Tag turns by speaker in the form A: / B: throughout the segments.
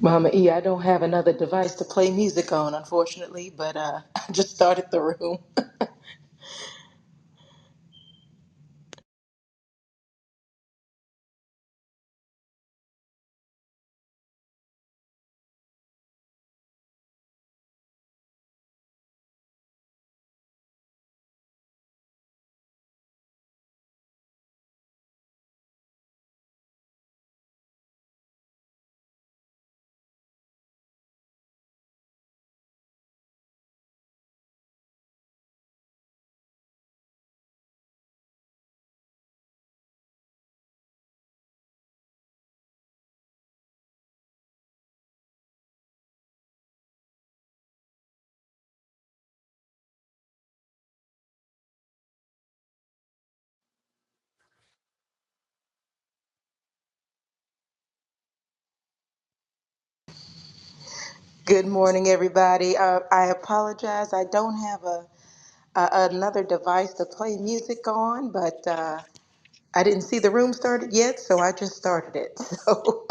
A: Mama E, I don't have another device to play music on, unfortunately, but uh, I just started the room. Good morning, everybody. Uh, I apologize. I don't have a, a another device to play music on, but uh, I didn't see the room started yet, so I just started it. So,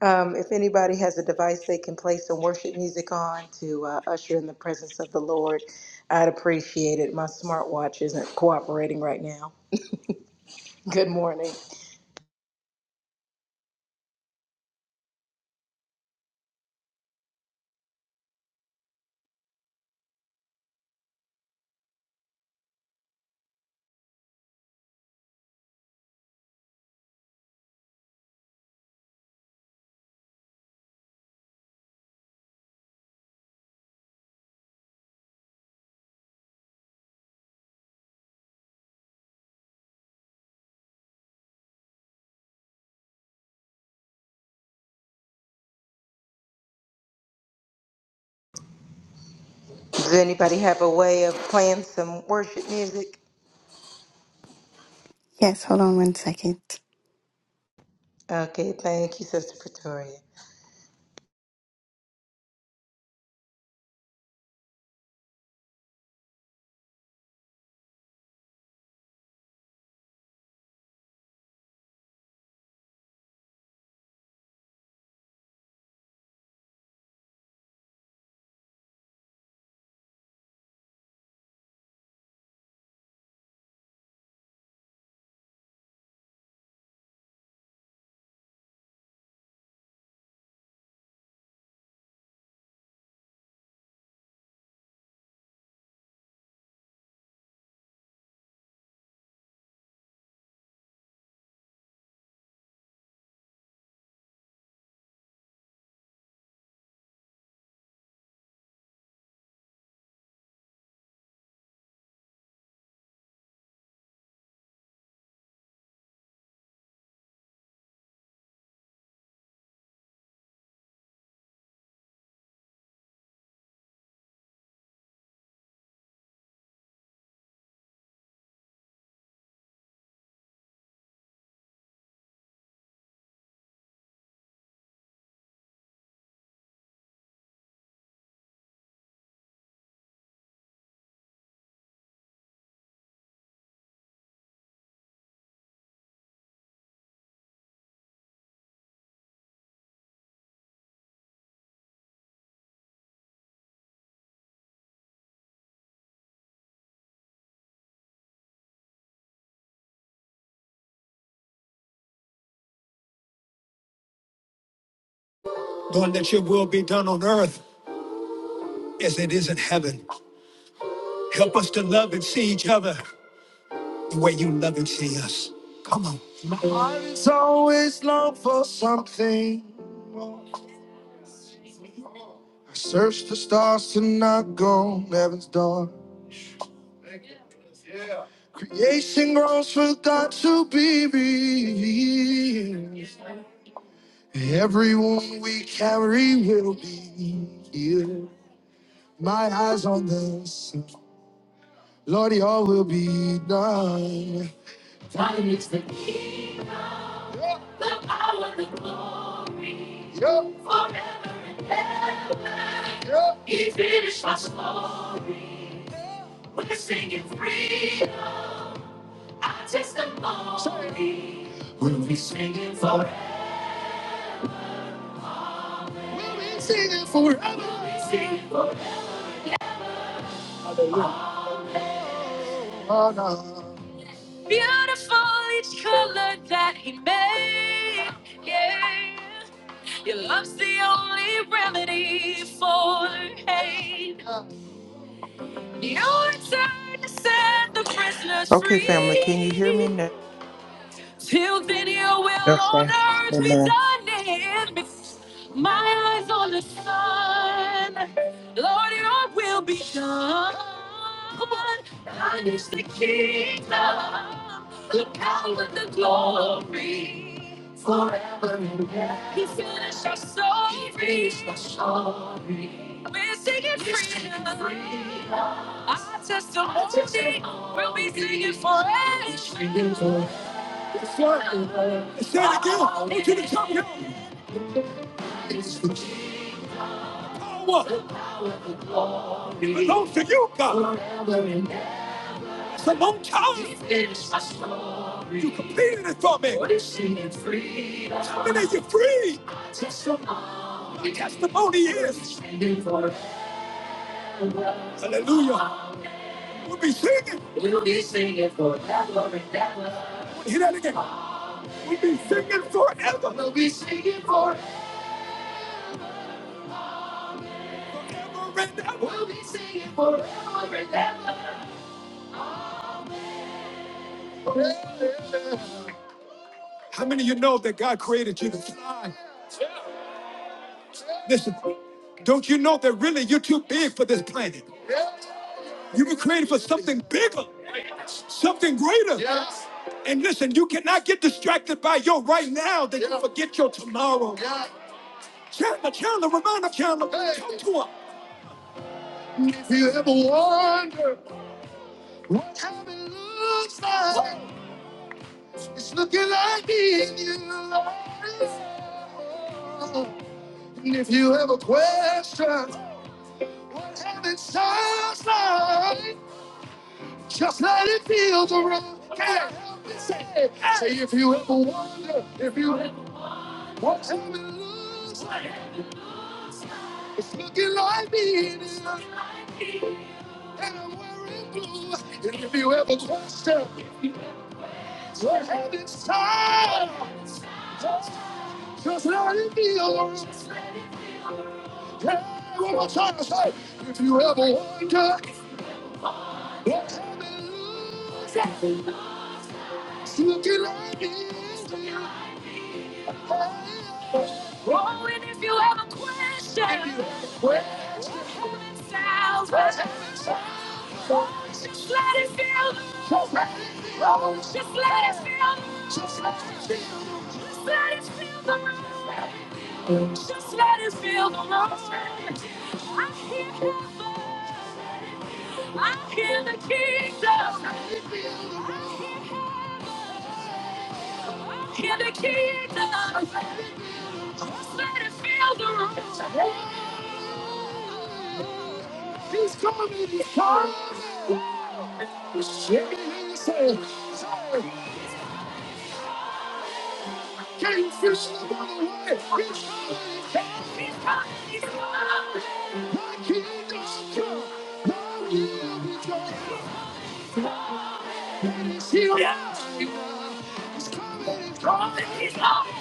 A: um, if anybody has a device they can play some worship music on to uh, usher in the presence of the Lord, I'd appreciate it. My smartwatch isn't cooperating right now. Good morning. Does anybody have a way of playing some worship music?
B: Yes, hold on one second.
A: Okay, thank you, Sister Pretoria.
B: Lord, that your will be done on earth as it is in heaven. Help us to love and see each other the way you love and see us. Come on. My heart is always long for something more. I search the stars to knock on heaven's door. Creation groans for God to be revealed. Every wound we carry will be healed. My eyes on this. Lord, your will be done. Time is the Yep, yep. He's finished for us, Lord. We're singing free. Our testimony. We honor. Beautiful each color that he made. Yeah. Your love's the only remedy for hate. You return to set the prisoners
C: Okay, family, can you hear me
B: free.
C: now?
B: Till then, your will on
C: Okay.
B: earth be
C: Amen.
B: done in me. My eyes on the sun. Lord, your will be done. Come on. Thine is the kingdom, the power, the glory. Forever you finish our soul. He raised our soul. We're singing We're singing freedom. freedom. Our testimony, Our testimony will be singing forever. Say it again to the top of your power. belongs to you, God. It's a long time you completed it for me. And then you're free. The testimony is. Hallelujah. We'll be singing. Hear that again. We'll be singing forever. Forever and ever. How many of you know that God created you to fly? Listen, don't you know that really you're too big for this planet? You were created for something bigger. something greater. Yes. And listen, you cannot get distracted by your right now that you Yeah. forget your tomorrow. Yeah. Chandler, Chandler, remind him, Chandler, Hey. talk to him. If you ever wonder what heaven looks like, it's looking like being you. And if you ever question what heaven sounds like, just let it feel the room. Can't help it say, say if you ever wonder, if you ever Whatever it looks like, it's looking like me it is, and I'm wearing blue. And if you ever question what heaven's time, just just let it be alone. Yeah, what I'm trying to say. If you ever wonder what heaven looks like, it's looking like me. Oh, and if you have a question, what heaven sounds, just let it feel. Just let it feel. Just let it feel Just let it feel the room. Just let it feel the room. I hear heaven. I hear the kingdom. I hear the kingdom. Just let it feel the room. He's coming. He's coming. Shake it in your soul. Soul. Can't you feel the bottom way? He's coming. He's coming. He's coming. My kingdom's come. My will be done. And he's here Yeah. right now. He's coming. He's coming. He's coming.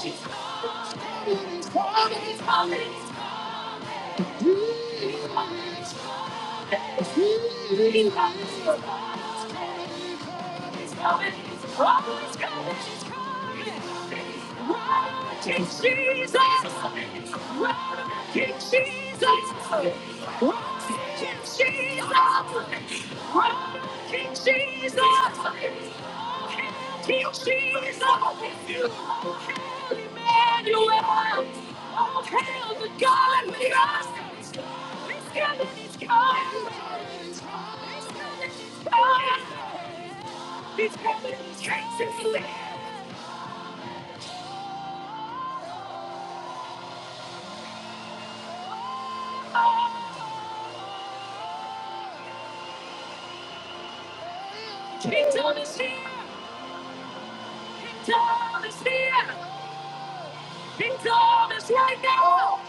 B: He's coming. He's coming. He's coming. He's coming. He's coming. He's coming. He's coming. he's coming. He's coming. Oh, he's coming. He's coming. Run, King Jesus. Run, King Jesus. Run, King Jesus. Run, King Jesus. King Jesus. Oh, hail Emmanuel. Oh, hail the God with us. He's coming. He's coming. He's coming. He's coming. He's coming. Jesus is here. Kingdom is here. Kingdom is here. Kingdom is right now.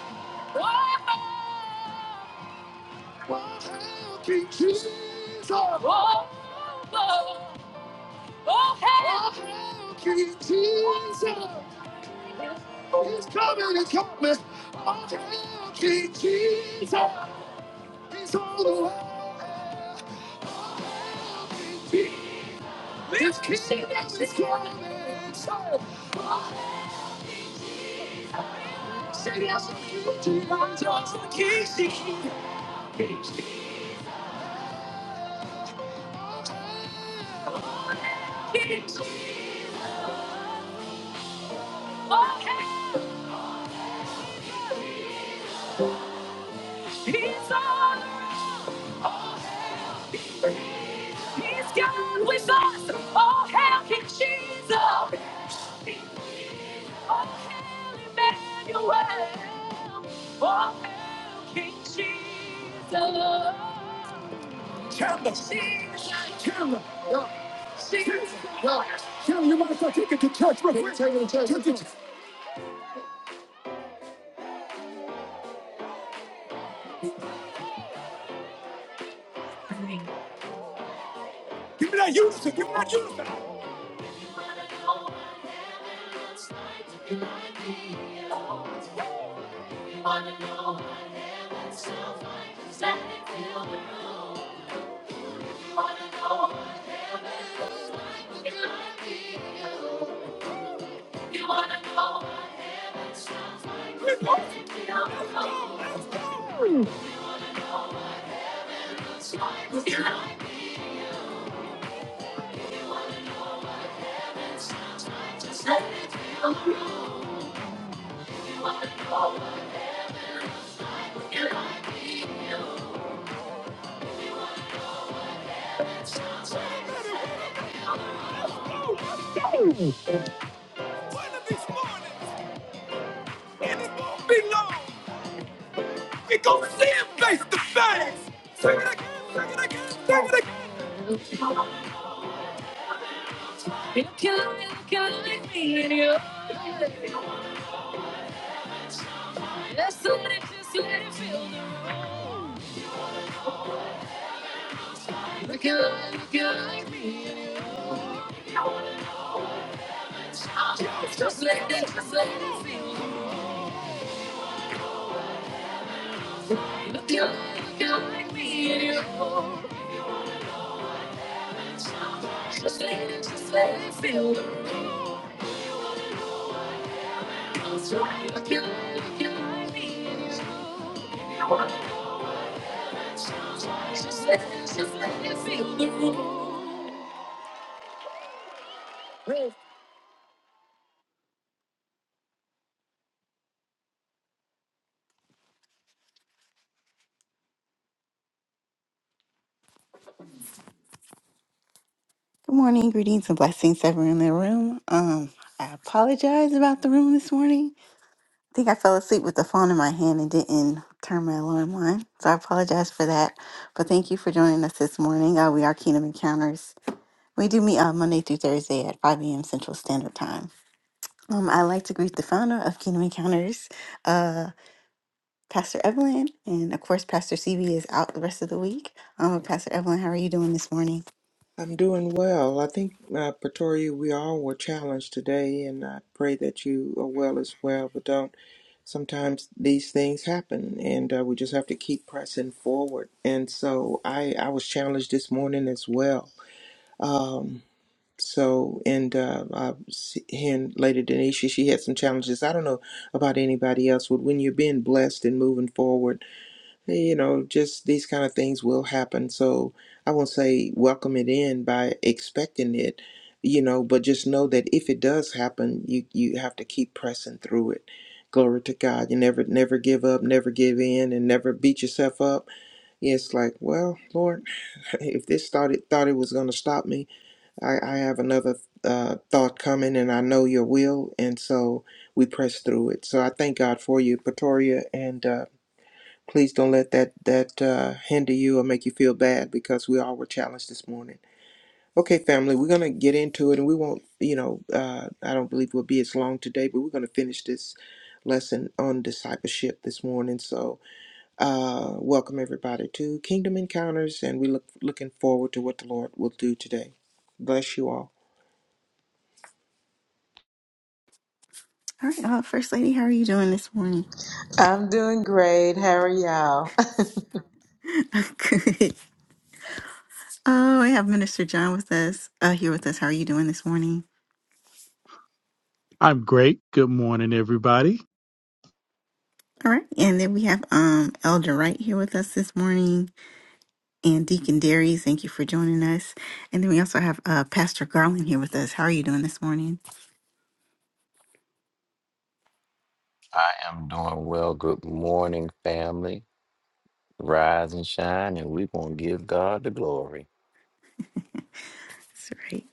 B: Oh, oh, hail King Jesus. Oh, oh, oh, oh, hail. oh hail King Jesus. He's coming, he's coming. Oh, hell, King Jesus. He's on the way. Oh, hell, King Jesus. Just 'cause he makes this kind of trouble, somebody has to keep on talking. King Jesus, oh, he's all around. He's God with us. Oh, King Jesus, oh, King Emmanuel, oh, King Jesus. Tell them. Tell them. Yeah. Yeah. Tell them you might as well take it to church real quick. Take it to church. Take it to- Give me that unison. Give me that unison. Let's go. Let's go. One of these mornings, and it won't be long. We gonna see him face to face. Sing it again. Sing it again. Sing it again. Just let it, just let it feel the Look at life, look at life, me and it's hot. Just let it, just let it feel the Look at life, look at life, me and your hopes. Just let it, just let it feel the Look at life, look at life, me and your hopes. Just let it, just let it feel the room. Good morning, greetings and blessings, everyone in the room. Um, I apologize about the room this morning. I think I fell asleep with the phone in my hand and didn't turn my alarm on. So I apologize for that. But thank you for joining us this morning. Uh, we are Kingdom Encounters. We do meet on Monday through Thursday at 5 a.m. Central Standard Time. Um, I'd like to greet the founder of Kingdom Encounters, uh, Pastor Evelyn. And of course, Pastor CB is out the rest of the week. Um, Pastor Evelyn, how are you doing this morning?
C: I'm doing well. I think, uh, Pretoria, we all were challenged today, and I pray that you are well as well. But don't, sometimes these things happen, and uh, we just have to keep pressing forward. And so I, I was challenged this morning as well. Um, so, and uh, I was hearing Lady Denisha, she had some challenges. I don't know about anybody else, but when you're being blessed and moving forward, you know, just these kind of things will happen. So I won't say welcome it in by expecting it, you know, but just know that if it does happen, you you have to keep pressing through it. Glory to God. You never never give up, never give in, and never beat yourself up. It's like, well, Lord, if this thought it thought it was going to stop me, I, I have another uh, thought coming, and I know Your will, and so we press through it. So I thank God for you, Pretoria, and. Uh, Please don't let that that uh, hinder you or make you feel bad because we all were challenged this morning. Okay, family, we're gonna get into it, and we won't. You know, uh, I don't believe we'll be as long today, but we're gonna finish this lesson on discipleship this morning. So, uh, welcome everybody to Kingdom Encounters, and we look looking forward to what the Lord will do today. Bless you all.
B: All right, uh, First Lady, how are you doing this morning?
A: I'm doing great. How are y'all?
B: Good. Oh, I have Minister John with us, uh, here with us. How are you doing this morning?
D: I'm great. Good morning, everybody.
B: All right, and then we have um Elder Wright here with us this morning, and Deacon Darius. Thank you for joining us. And then we also have uh Pastor Garland here with us. How are you doing this morning?
E: I am doing well. Good morning, family. Rise and shine, and we're going to give God the glory.
B: That's right.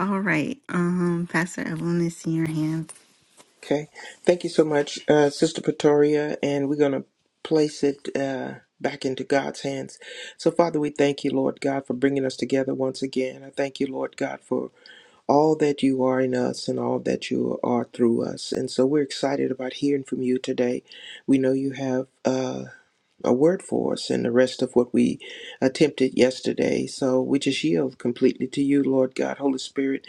B: All right, um, Pastor Evelyn, I see your hand.
C: Okay. Thank you so much, uh, Sister Pretoria. And we're going to place it uh, back into God's hands. So, Father, we thank you, Lord God, for bringing us together once again. I thank you, Lord God, for all that you are in us and all that you are through us. And so we're excited about hearing from you today. We know you have uh, a word for us and the rest of what we attempted yesterday. So we just yield completely to you, Lord God, Holy Spirit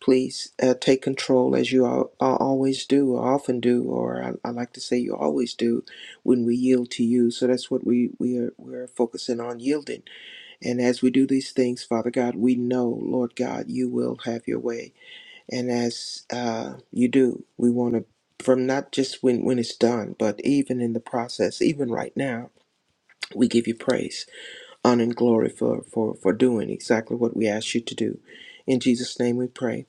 C: please uh, take control as you all, always do, or often do, or I, I like to say you always do when we yield to you. So that's what we, we are we're focusing on yielding. And as we do these things, Father God, we know, Lord God, you will have your way. And as uh, you do, we want to from not just when, when it's done, but even in the process, even right now, we give you praise, honor, and glory for, for, for doing exactly what we asked you to do. In Jesus' name we pray.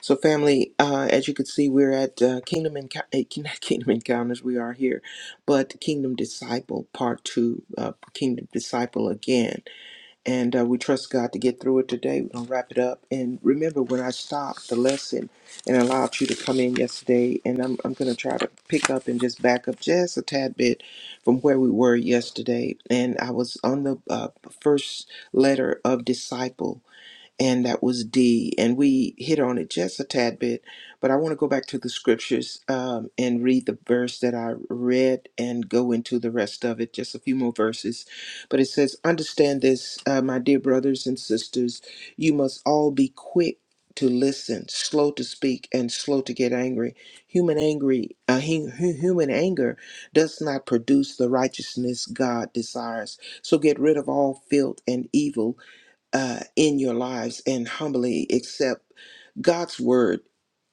C: So, family, uh, as you can see, we're at uh, Kingdom Enco- eh, not Kingdom Encounters. We are here, but Kingdom Disciple Part Two, uh, Kingdom Disciple again, and uh, we trust God to get through it today. We're gonna wrap it up, and remember when I stopped the lesson and allowed you to come in yesterday, and I'm I'm gonna try to pick up and just back up just a tad bit from where we were yesterday, and I was on the uh, first letter of disciple and that was D. And we hit on it just a tad bit, but I want to go back to the scriptures um, and read the verse that I read and go into the rest of it, just a few more verses. But it says, Understand this, uh, my dear brothers and sisters, you must all be quick. To listen, slow to speak, and slow to get angry. Human angry, uh, hu- hu- human anger, does not produce the righteousness God desires. So get rid of all filth and evil uh, in your lives and humbly accept God's word,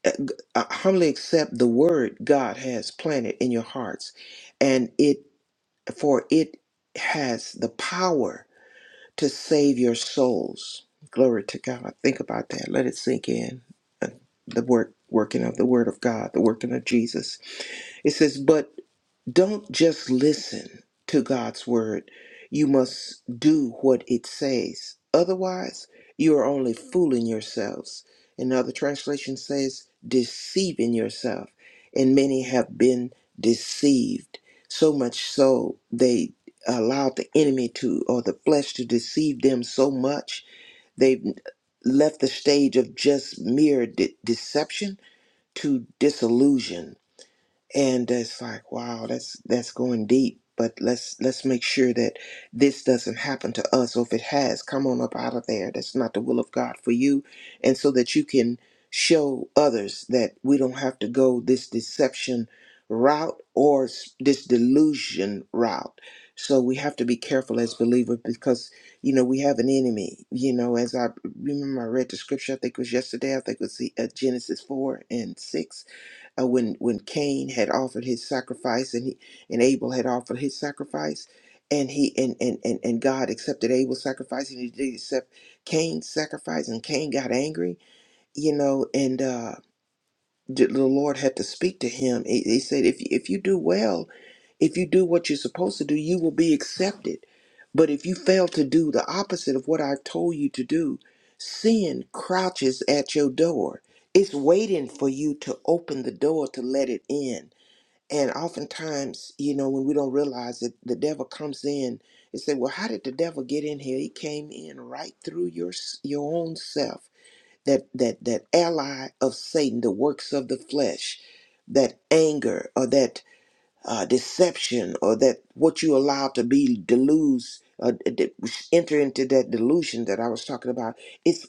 C: uh, g- uh, humbly accept the word God has planted in your hearts, and it for it has the power to save your souls. Glory to God. Think about that. Let it sink in. Uh, The work working of the word of God, the working of Jesus. It says, but don't just listen to God's word. You must do what it says. Otherwise, you are only fooling yourselves. Another translation says, deceiving yourself. And many have been deceived, so much so they allowed the enemy to, or the flesh to deceive them so much, they've left the stage of just mere de- deception to disillusion and it's like wow that's that's going deep but let's let's make sure that this doesn't happen to us or if it has come on up out of there that's not the will of god for you and so that you can show others that we don't have to go this deception route or s- this delusion route so we have to be careful as believers because you know we have an enemy you know as i remember i read the scripture i think it was yesterday i think it was the, uh, genesis 4 and 6 uh, when when Cain had offered his sacrifice and he and Abel had offered his sacrifice and he and and and, and God accepted Abel's sacrifice and he did accept Cain's sacrifice and Cain got angry you know and uh the the Lord had to speak to him. He, he said, if, if you do well, if you do what you're supposed to do, you will be accepted. But if you fail to do the opposite of what i told you to do, sin crouches at your door. It's waiting for you to open the door to let it in. And oftentimes, you know, when we don't realize it, the devil comes in and say, "Well, how did the devil get in here? He came in right through your s- your own self." that that that ally of Satan, the works of the flesh, that anger or that uh, deception or that what you allow to be deludes uh, d- enter into that delusion that I was talking about. It's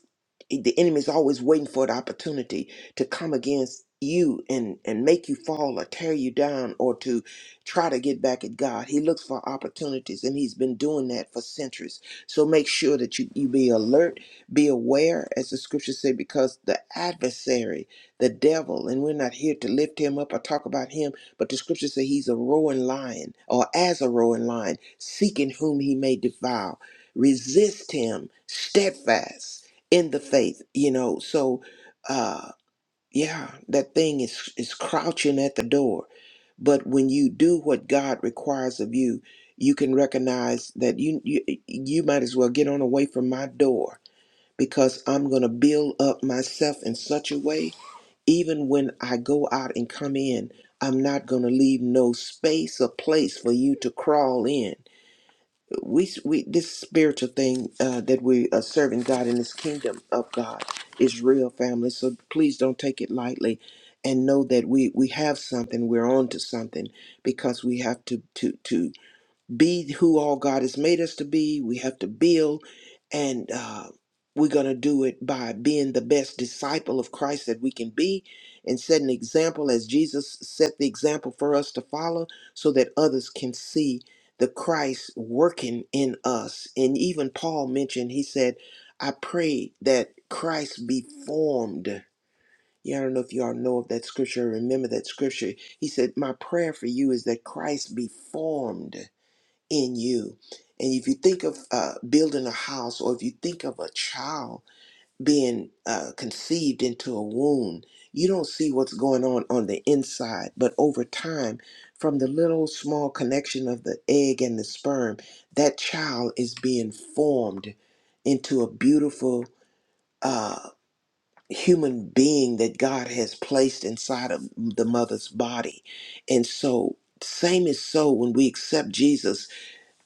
C: the enemy is always waiting for the opportunity to come against you and and make you fall or tear you down or to try to get back at God. He looks for opportunities and he's been doing that for centuries. So make sure that you you be alert, be aware as the scriptures say because the adversary, the devil, and we're not here to lift him up or talk about him but the scripture says he's a roaring lion, or as a roaring lion, seeking whom he may devour. Resist him steadfast in the faith. You know, so uh yeah, that thing is is crouching at the door. But when you do what God requires of you, you can recognize that you you, you might as well get on away from my door because I'm going to build up myself in such a way even when I go out and come in, I'm not going to leave no space or place for you to crawl in. We, we this spiritual thing uh, that we are serving God in this kingdom of God is real, family. So please don't take it lightly, and know that we we have something. We're on to something because we have to to to be who all God has made us to be. We have to build, and uh, we're going to do it by being the best disciple of Christ that we can be and set an example as Jesus set the example for us to follow so that others can see the Christ working in us. And even Paul mentioned, he said, I pray that Christ be formed. Yeah, I don't know if you all know of that scripture or remember that scripture. He said, My prayer for you is that Christ be formed in you. And if you think of uh, building a house, or if you think of a child being uh, conceived into a womb, you don't see what's going on on the inside. But over time, from the little small connection of the egg and the sperm, that child is being formed into a beautiful uh, human being that God has placed inside of the mother's body. And so, same is so when we accept Jesus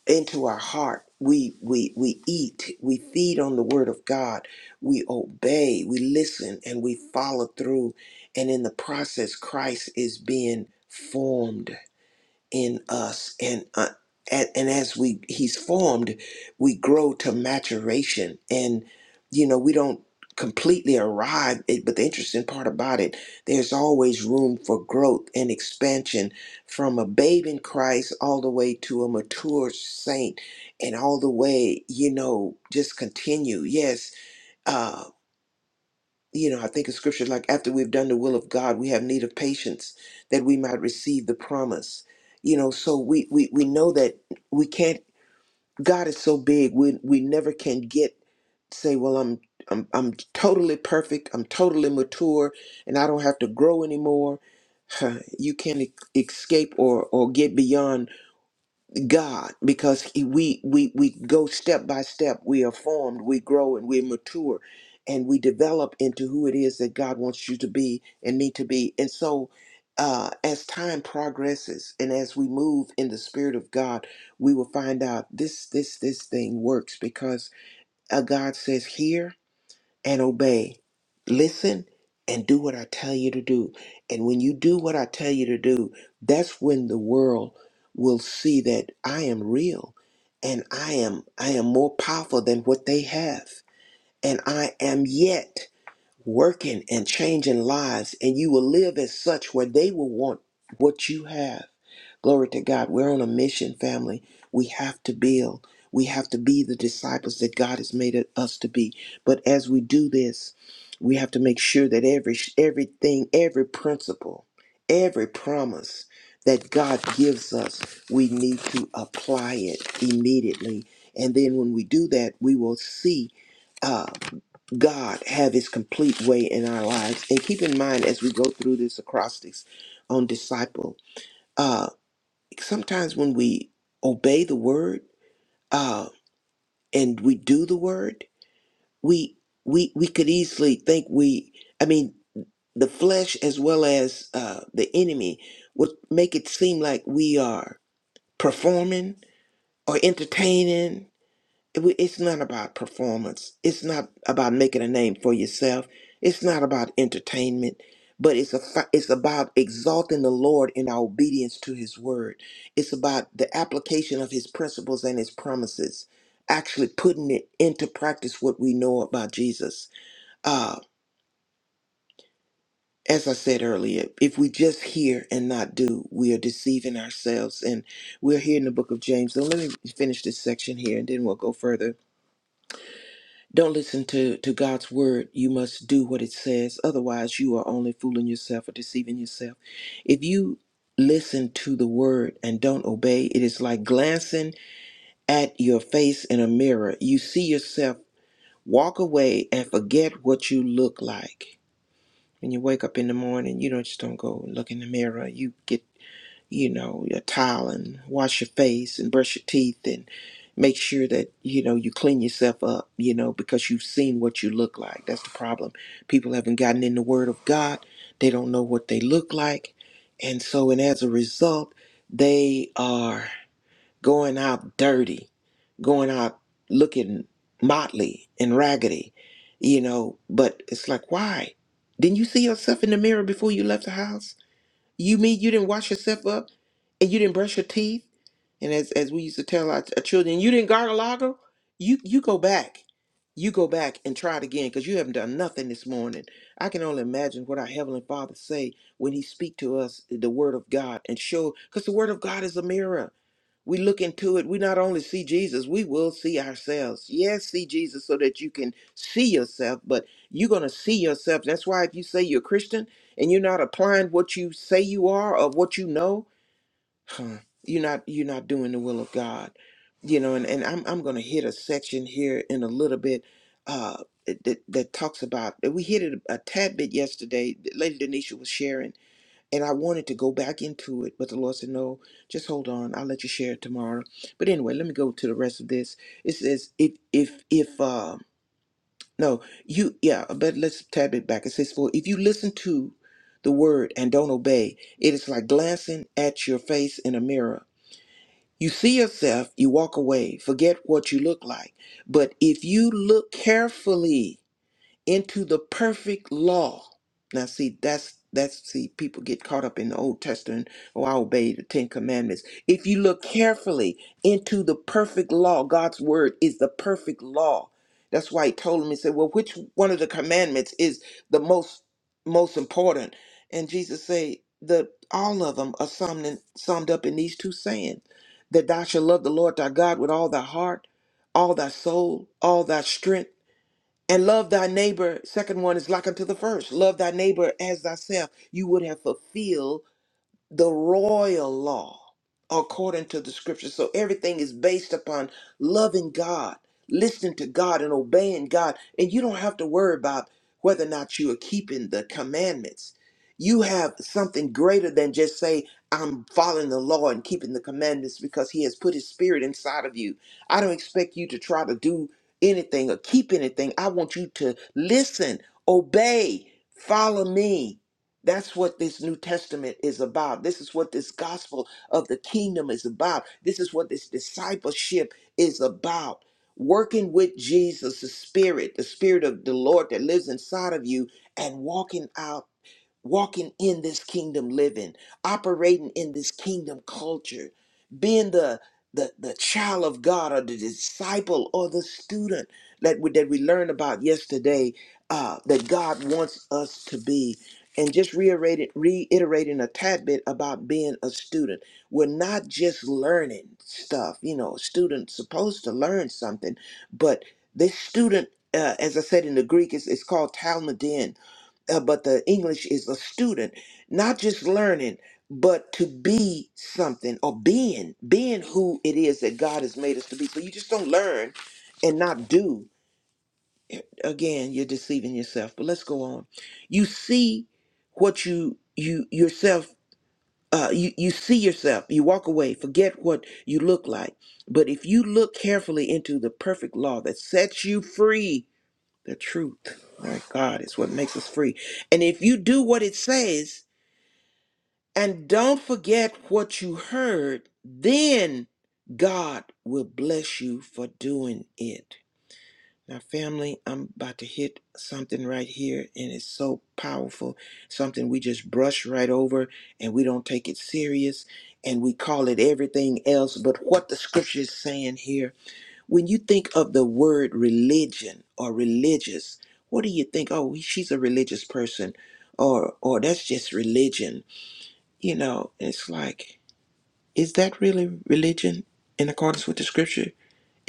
C: into our heart. We we we eat, we feed on the word of God, we obey, we listen, and we follow through. And in the process, Christ is being formed in us and uh, and, and as we he's formed we grow to maturation and you know we don't completely arrive it, but the interesting part about it there's always room for growth and expansion from a babe in christ all the way to a mature saint and all the way you know just continue yes uh, you know, I think of scripture like, after we've done the will of God, we have need of patience that we might receive the promise. You know, so we we, we know that we can't. God is so big, we we never can get say, well, I'm I'm I'm totally perfect, I'm totally mature, and I don't have to grow anymore. Huh, You can't e- escape or or get beyond God because he- we we we go step by step we are formed we grow and we mature and we develop into who it is that God wants you to be and me to be and so uh, as time progresses and as we move in the spirit of God we will find out this this this thing works because uh, God says here and obey. Listen and do what I tell you to do. And when you do what I tell you to do, that's when the world will see that I am real and I am I am more powerful than what they have. And I am yet working and changing lives, and you will live as such where they will want what you have. Glory to God. We're on a mission, family. We have to build. We have to be the disciples that God has made it- us to be. But as we do this, we have to make sure that every everything, every principle, every promise that God gives us, we need to apply it immediately. And then when we do that, we will see. uh, God have his complete way in our lives. And keep in mind as we go through this acrostics on disciple, uh, sometimes when we obey the word uh, and we do the word, we we we could easily think we I mean the flesh as well as uh, the enemy would make it seem like we are performing or entertaining we- it's not about performance. It's not about making a name for yourself. It's not about entertainment, but it's a fi- it's about exalting the Lord in our obedience to His word. It's about the application of His principles and His promises, actually putting it into practice what we know about Jesus. Uh, as I said earlier, if we just hear and not do, we are deceiving ourselves. And we're here in the book of James. So let me finish this section here, and then we'll go further Don't listen to, to God's word. You must do what it says. Otherwise, you are only fooling yourself or deceiving yourself. If you listen to the word and don't obey, it is like glancing at your face in a mirror. You see yourself walk away and forget what you look like. When you wake up in the morning, you don't just don't go look in the mirror. You get you know, your towel and wash your face and brush your teeth and make sure that, you know, you clean yourself up, you know, because you've seen what you look like. That's the problem. People haven't gotten in the Word of God, they don't know what they look like. And so, and as a result, they are going out dirty, going out looking motley and raggedy, you know. But it's like, why? Didn't you see yourself in the mirror before you left the house? You mean you didn't wash yourself up and you didn't brush your teeth? And as, as we used to tell our, our children, you didn't gargalago? You you go back. You go back and try it again because you haven't done nothing this morning. I can only imagine what our Heavenly Father say when He speak to us the Word of God and show because the Word of God is a mirror we look into it, we not only see Jesus, we will see ourselves. Yes, see Jesus so that you can see yourself, but you're going to see yourself. That's why if you say you're Christian and you're not applying what you say you are or what you know, huh, you're not you're not doing the will of God. You know, and, and I'm I'm going to hit a section here in a little bit uh that, that talks about we hit it a tad bit yesterday. Lady Denisha was sharing and I wanted to go back into it, but the Lord said, No, just hold on. I'll let you share it tomorrow. But anyway, let me go to the rest of this. It says, If, if, if, uh, no, you, yeah, but let's tab it back. It says, For if you listen to the word and don't obey, it is like glancing at your face in a mirror. You see yourself, you walk away, forget what you look like. But if you look carefully, into the perfect law. Now, see, that's that's see, people get caught up in the Old Testament. Oh, I obey the Ten Commandments. If you look carefully into the perfect law, God's word is the perfect law. That's why he told him, he said, Well, which one of the commandments is the most most important? And Jesus say, The all of them are summed, in, summed up in these two sayings that thou shalt love the Lord thy God with all thy heart, all thy soul, all thy strength and love thy neighbor. Second one is like unto the first. Love thy neighbor as thyself. You would have fulfilled the royal law according to the scripture. So everything is based upon loving God, listening to God, and obeying God. And you don't have to worry about whether or not you are keeping the commandments. You have something greater than just say, I'm following the law and keeping the commandments because He has put His Spirit inside of you. I don't expect you to try to do anything or keep anything. I want you to listen, obey, follow me that's what this New Testament is about. This is what this gospel of the kingdom is about. This is what this discipleship is about. Working with Jesus, the Spirit, the Spirit of the Lord that lives inside of you, and walking out walking in this kingdom living, operating in this kingdom culture, being the the, the child of God or the disciple or the student that we, that we learned about yesterday uh, that God wants us to be. And just reiterated, reiterating a tad bit about being a student. We're not just learning stuff. You know, a student's supposed to learn something, but this student, uh, as I said in the Greek, is it's called Talmudin uh, but the English is a student, not just learning, but to be something or being, being who it is that God has made us to be. So you just don't learn and not do. Again, you're deceiving yourself. But let's go on. You see what you you yourself. Uh, you, you see yourself, you walk away, forget what you look like. But if you look carefully into the perfect law that sets you free the truth, my God, is what makes us free. And if you do what it says and don't forget what you heard, then God will bless you for doing it. Now, family, I'm about to hit something right here, and it's so powerful. Something we just brush right over and we don't take it serious and we call it everything else but what the scripture is saying here when you think of the word religion or religious, what do you think? Oh, she's a religious person, or or that's just religion. You know, it's like, is that really religion in accordance with the scripture?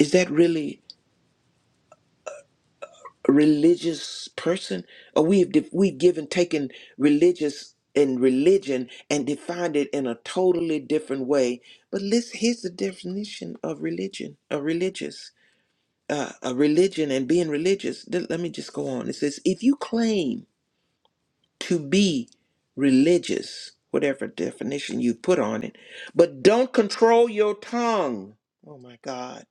C: Is that really a religious person? Or we've def- we've given taken religious and religion and defined it in a totally different way. But let's here's the definition of religion, of religious. uh, a religion and being religious, th- let me just go on. It says, if you claim to be religious, whatever definition you put on it, but don't control your tongue. Oh my God.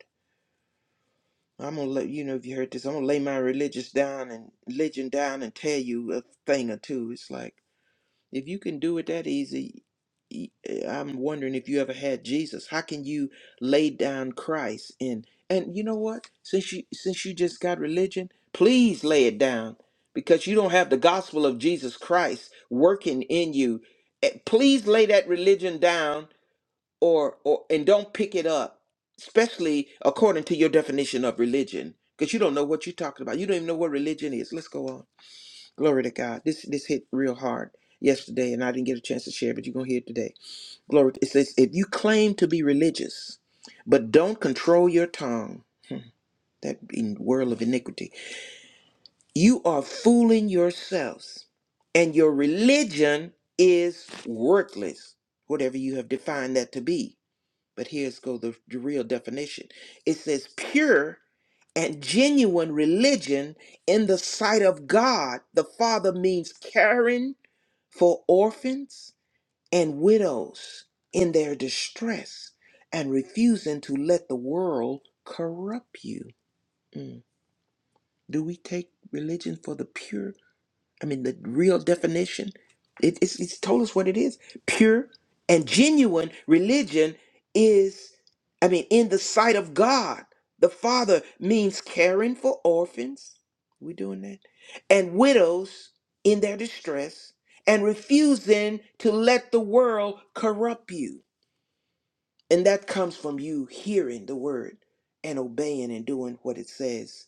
C: I'm gonna let you know if you heard this. I'm gonna lay my religious down and religion down and tell you a thing or two. It's like if you can do it that easy, i I'm wondering if you ever had Jesus. How can you lay down Christ and and you know what? Since you since you just got religion, please lay it down because you don't have the gospel of Jesus Christ working in you. Eh, Please lay that religion down or or and don't pick it up, especially according to your definition of religion, because you don't know what you're talking about. You don't even know what religion is. Let's go on. Glory to God. This this hit real hard yesterday, and I didn't get a chance to share, but you're gonna hear it today. Glory. It says, if you claim to be religious, but don't control your tongue, that in world of iniquity, you are fooling yourselves, and your religion is worthless, whatever you have defined that to be. But here's go the, the real definition. It says pure and genuine religion in the sight of God the Father means caring for orphans and widows in their distress and refusing to let the world corrupt you. Mm. Do we take religion for the pure? I mean, the real definition, it, it's, it's told us what it is. Pure and genuine religion is, I mean, in the sight of God. The Father means caring for orphans. We doing that? And widows in their distress and refusing to let the world corrupt you. And that comes from you hearing the word and obeying and doing what it says.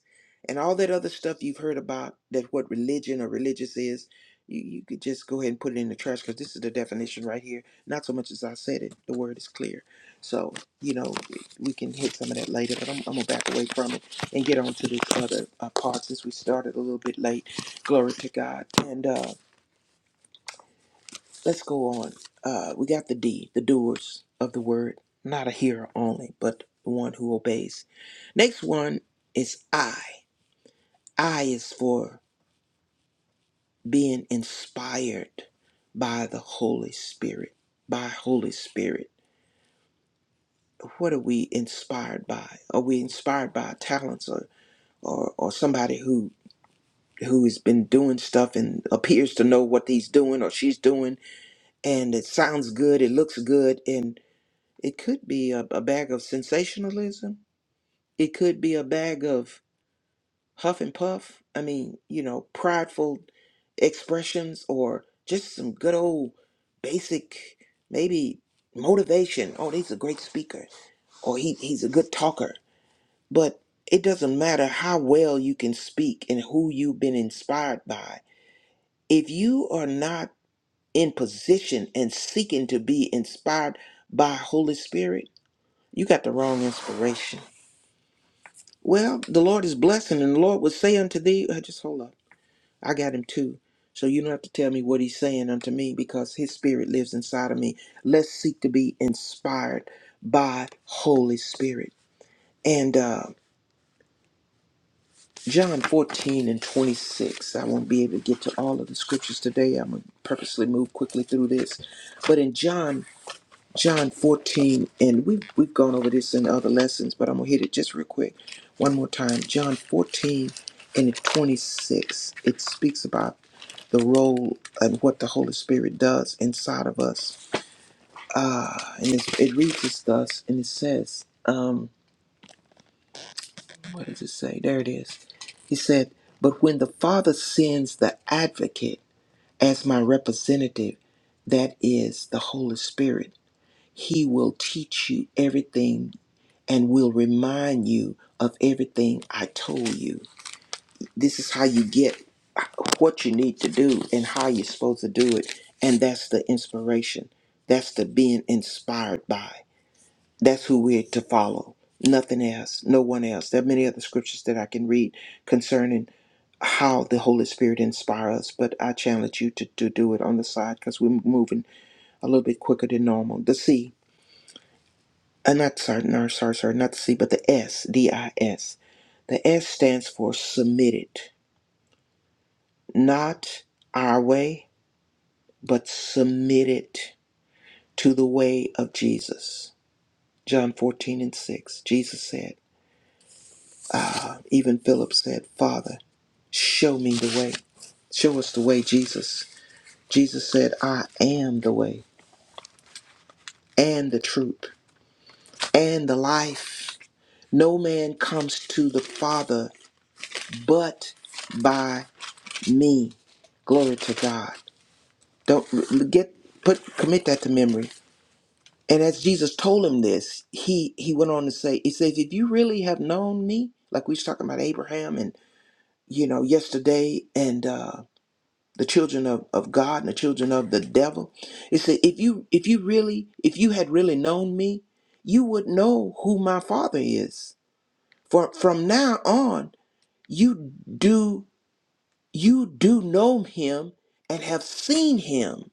C: And all that other stuff you've heard about that what religion or religious is, you, you could just go ahead and put it in the trash because this is the definition right here. Not so much as I said it, the word is clear. So, you know, we we can hit some of that later, but I'm, I'm going to back away from it and get on to this other uh, part since we started a little bit late. Glory to God. And, uh, Let's go on. Uh, we got the D, the doers of the word, not a hearer only, but the one who obeys. Next one is I. I is for being inspired by the Holy Spirit. By Holy Spirit. What are we inspired by? Are we inspired by talents or or, or somebody who who has been doing stuff and appears to know what he's doing or she's doing and it sounds good, it looks good, and It could be a, a bag of sensationalism. It could be a bag of huff and puff. I mean, you know, prideful expressions or just some good old basic, maybe motivation. Oh, he's a great speaker or he, he's a good talker. But it doesn't matter how well you can speak and who you've been inspired by. If you are not in position and seeking to be inspired by Holy Spirit, you got the wrong inspiration. Well, the Lord is blessing, and the Lord would say unto thee, uh, just hold up. I got him too. So you don't have to tell me what he's saying unto me because his spirit lives inside of me. Let's seek to be inspired by Holy Spirit. And uh, John 14 and 26. I won't be able to get to all of the scriptures today. I'm going to purposely move quickly through this. But in John John 14, and we've, we've gone over this in other lessons, but I'm going to hit it just real quick one more time. John 14 and 26, it speaks about the role and what the Holy Spirit does inside of us. Uh, and it's, it reads as thus, and it says, um, what does it say? There it is. He said, But when the Father sends the advocate as my representative, that is the Holy Spirit, he will teach you everything and will remind you of everything I told you. This is how you get what you need to do and how you're supposed to do it. And that's the inspiration. That's the being inspired by. That's who we're to follow. Nothing else, no one else. There are many other scriptures that I can read concerning how the Holy Spirit inspires us, but I challenge you to, to do it on the side because we're moving a little bit quicker than normal. The C. Uh, not sorry, no, sorry, sorry, not the C, but the S, D I S. The S stands for submitted, not our way, but submitted to the way of Jesus. John 14 and 6, Jesus said, even Philip said, Father, show me the way. Show us the way, Jesus. Jesus said, I am the way and the truth and the life. No man comes to the Father but by me. Glory to God. Don't get put commit that to memory. And as Jesus told him this, he he went on to say, he says, if you really have known me, like we was talking about Abraham and you know yesterday and uh the children of, of God and the children of the devil. he said, if you if you really if you had really known me, you would know who my father is. For from now on, you do you do know him and have seen him.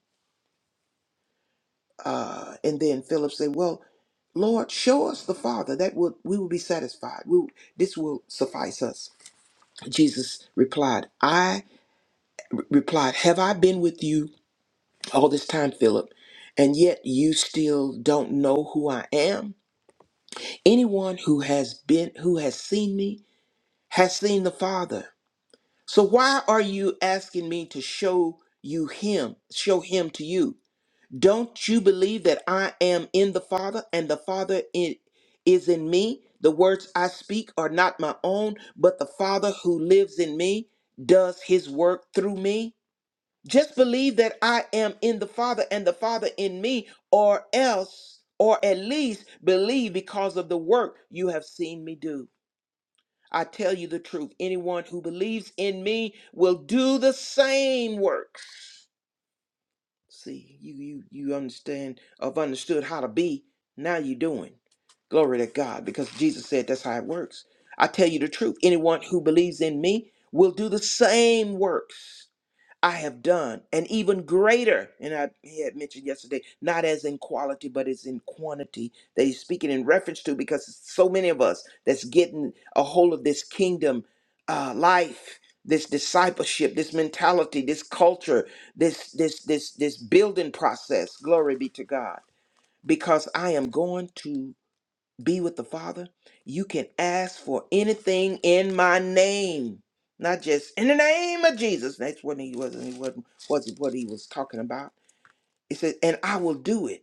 C: Uh, and then Philip said, "Well, Lord, show us the Father. That would we will be satisfied. We, this will suffice us." Jesus replied, "I replied, have I been with you all this time, Philip, and yet you still don't know who I am? Anyone who has been who has seen me has seen the Father. So why are you asking me to show you him, show him to you? Don't you believe that I am in the Father and the Father i- is in me? The words I speak are not my own, but the Father who lives in me does his work through me. Just believe that I am in the Father and the Father in me, or else, or at least believe because of the work you have seen me do. I tell you the truth anyone who believes in me will do the same works See, you you you understand of understood how to be. Now you're doing. Glory to God, because Jesus said that's how it works. I tell you the truth. Anyone who believes in me will do the same works. I have done, and even greater. And I had mentioned yesterday, not as in quality, but as in quantity that he's speaking in reference to, because so many of us that's getting a hold of this kingdom uh, life, this discipleship, this mentality, this culture, this this this this building process. Glory be to God, because I am going to be with the Father, you can ask for anything in my name. Not just in the name of Jesus. That's what he was and he wasn't wasn't what he was talking about. It says, and I will do it.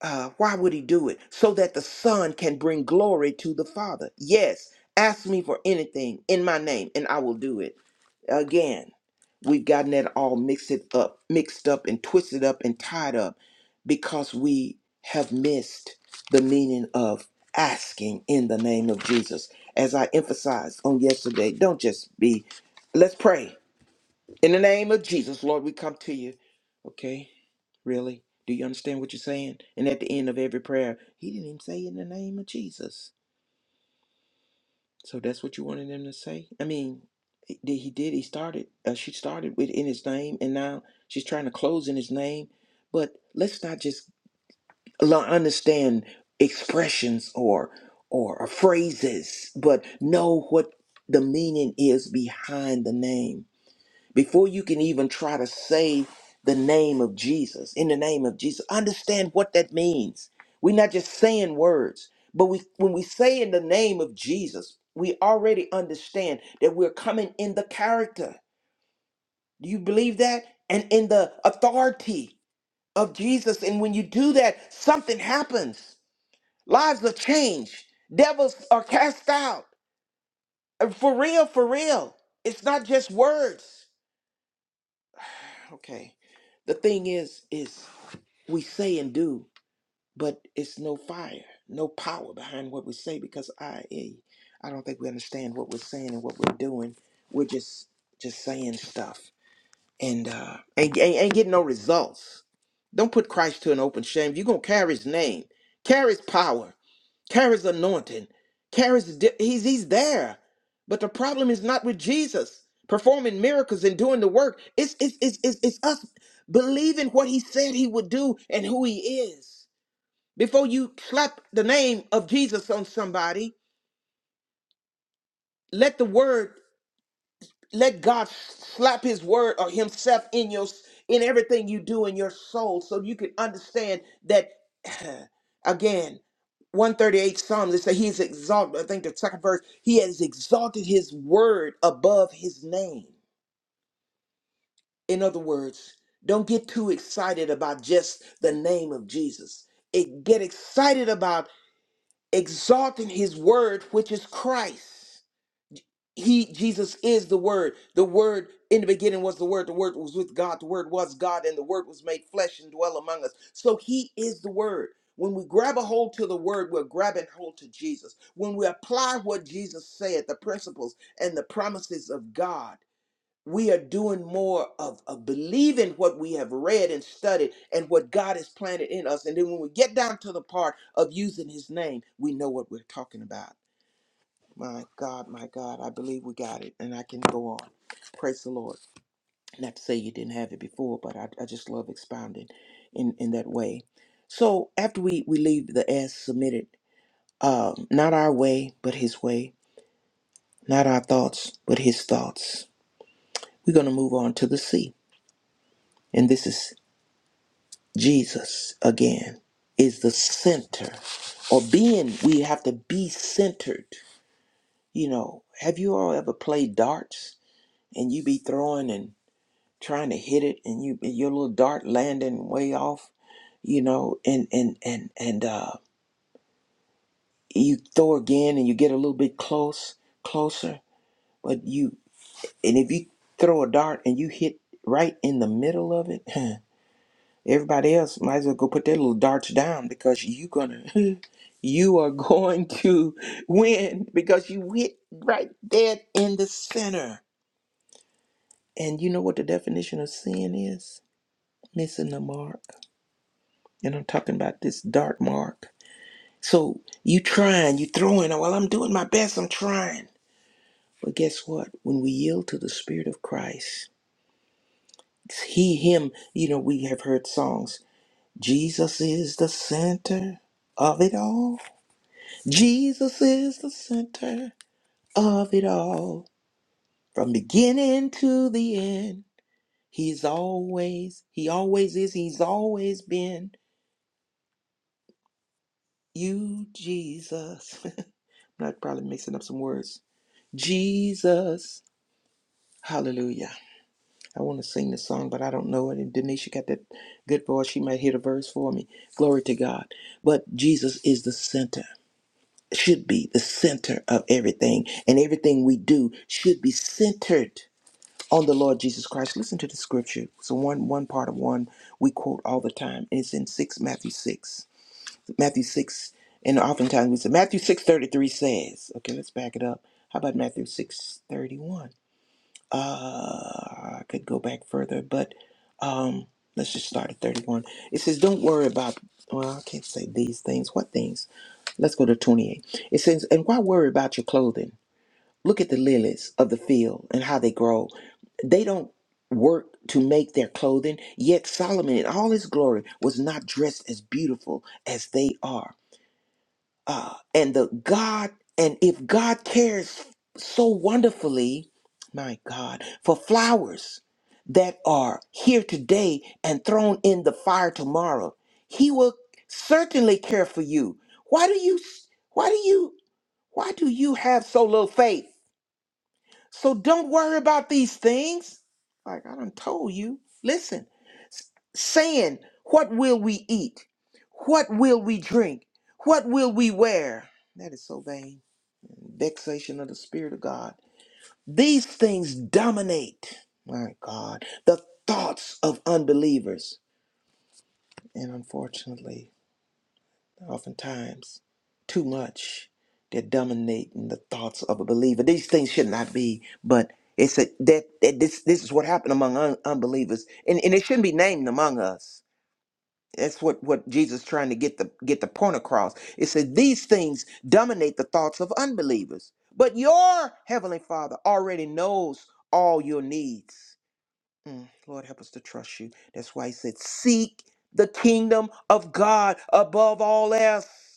C: Uh, why would he do it? So that the Son can bring glory to the Father. Yes, ask me for anything in my name, and I will do it. Again, we've gotten that all mixed it up, mixed up and twisted up and tied up because we have missed the meaning of asking in the name of Jesus. As I emphasized on yesterday, don't just be, let's pray. In the name of Jesus, Lord, we come to you. Okay? Really? Do you understand what you're saying? And at the end of every prayer, he didn't even say in the name of Jesus. So that's what you wanted him to say? I mean, he did. He did, he started, uh, she started with in his name, and now she's trying to close in his name. But let's not just lo- understand expressions or or phrases, but know what the meaning is behind the name. before you can even try to say the name of Jesus, in the name of Jesus, understand what that means. We're not just saying words, but we when we say in the name of Jesus, we already understand that we're coming in the character. Do you believe that? And in the authority of Jesus. And when you do that, something happens. Lives are changed. Devils are cast out. Uh, For real, for real. It's not just words. Okay the thing is is we say and do, but it's no fire, no power behind what we say because I eh, I don't think we understand what we're saying and what we're doing. We're just just saying stuff and uh and, and, and get no results. Don't put Christ to an open shame. You're gonna carry his name, carry his power, carry his anointing, carry his di- he's he's there. But the problem is not with Jesus performing miracles and doing the work. It's it's it's it's, it's us believing what he said he would do and who he is. Before you slap the name of Jesus on somebody, let the word let God slap his word or himself in your in everything you do in your soul so you can understand that again 138 Psalms, it says he is exalted. I think the second verse, he has exalted his word above his name. In other words, don't get too excited about just the name of Jesus. It, get excited about exalting his word, which is Christ. he jesus is the word the word in the beginning was the word the word was with god the word was god and the word was made flesh and dwell among us so he is the word when we grab a hold to the word we're grabbing hold to jesus when we apply what jesus said the principles and the promises of god we are doing more of, of believing what we have read and studied and what god has planted in us and then when we get down to the part of using his name we know what we're talking about my God, my God, I believe we got it, and I can go on. Praise the Lord. Not to say you didn't have it before, but I, I just love expounding in, in that way. So after we, we leave the as submitted, um, not our way, but his way, not our thoughts, but his thoughts, we're going to move on to the C. And this is Jesus again, is the center or being, we have to be centered. You know, have you all ever played darts and you be throwing and trying to hit it and you your little dart landing way off you know and and and and uh you throw again and you get a little bit close closer but you and if you throw a dart and you hit right in the middle of it everybody else might as well go put their little darts down because you gonna you are going to win because you hit right there in the center and you know what the definition of sin is missing the mark And I'm talking about this dark mark. So you trying, you throwing, oh, well, I'm doing my best, I'm trying. But guess what? When we yield to the Spirit of Christ, it's He, Him, you know, we have heard songs. Jesus is the center of it all. Jesus is the center of it all. From beginning to the end, He's always, He always is, He's always been. You, Jesus. I'm not probably mixing up some words. Jesus. Hallelujah. I want to sing this song, but I don't know it. And Denisha got that good voice. She might hit a verse for me. Glory to God. But Jesus is the center, should be the center of everything. And everything we do should be centered on the Lord Jesus Christ. Listen to the scripture. So one one part of one we quote all the time. And it's in six Matthew six. Matthew six and oftentimes we say Matthew six thirty three says, okay, let's back it up. How about Matthew six thirty one? uh, I could go back further, but um, let's just start at 31. It says, Don't worry about, well, I can't say these things. What things? Let's go to 28. It says, And why worry about your clothing? Look at the lilies of the field and how they grow. They don't work to make their clothing, yet Solomon in all his glory was not dressed as beautiful as they are uh, and the God, and if God cares so wonderfully, my God, for flowers that are here today and thrown in the fire tomorrow, He will certainly care for you. Why do you? Why do you? Why do you have so little faith? So don't worry about these things. Like I done told you. Listen, s- saying, What will we eat? What will we drink? What will we wear? That is so vain. Vexation of the Spirit of God. These things dominate, my God, the thoughts of unbelievers. And unfortunately, oftentimes too much they're dominating the thoughts of a believer these things should not be but it's a, that, that this this is what happened among un- unbelievers and, and it shouldn't be named among us that's what what jesus is trying to get the get the point across it says these things dominate the thoughts of unbelievers but your heavenly father already knows all your needs Mm, lord help us to trust you that's why he said seek the kingdom of god above all else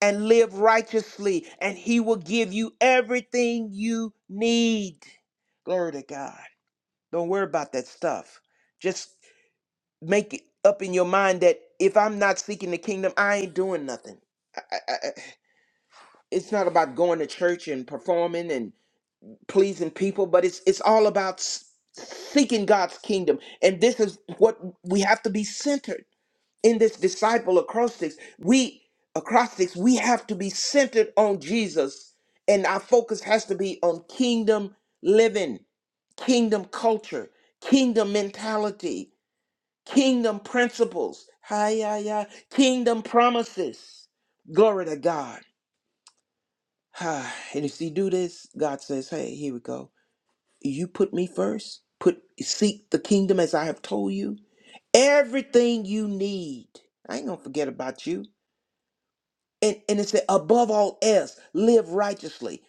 C: and live righteously, and He will give you everything you need. Glory to God. Don't worry about that stuff. Just make it up in your mind that if I'm not seeking the kingdom, I ain't doing nothing. I, I, I- it's not about going to church and performing and pleasing people, but it's it's all about s- seeking God's kingdom. And this is what we have to be centered in this disciple acrostics, we acrostics, we have to be centered on Jesus, and our focus has to be on kingdom living, kingdom culture, kingdom mentality, kingdom principles, hi, hi, hi, kingdom promises. Glory to God. Ah, And if you do this, God says, Hey, here we go. You put me first, put seek the kingdom as I have told you. Everything you need. I ain't gonna forget about you. and and it said above all else live righteously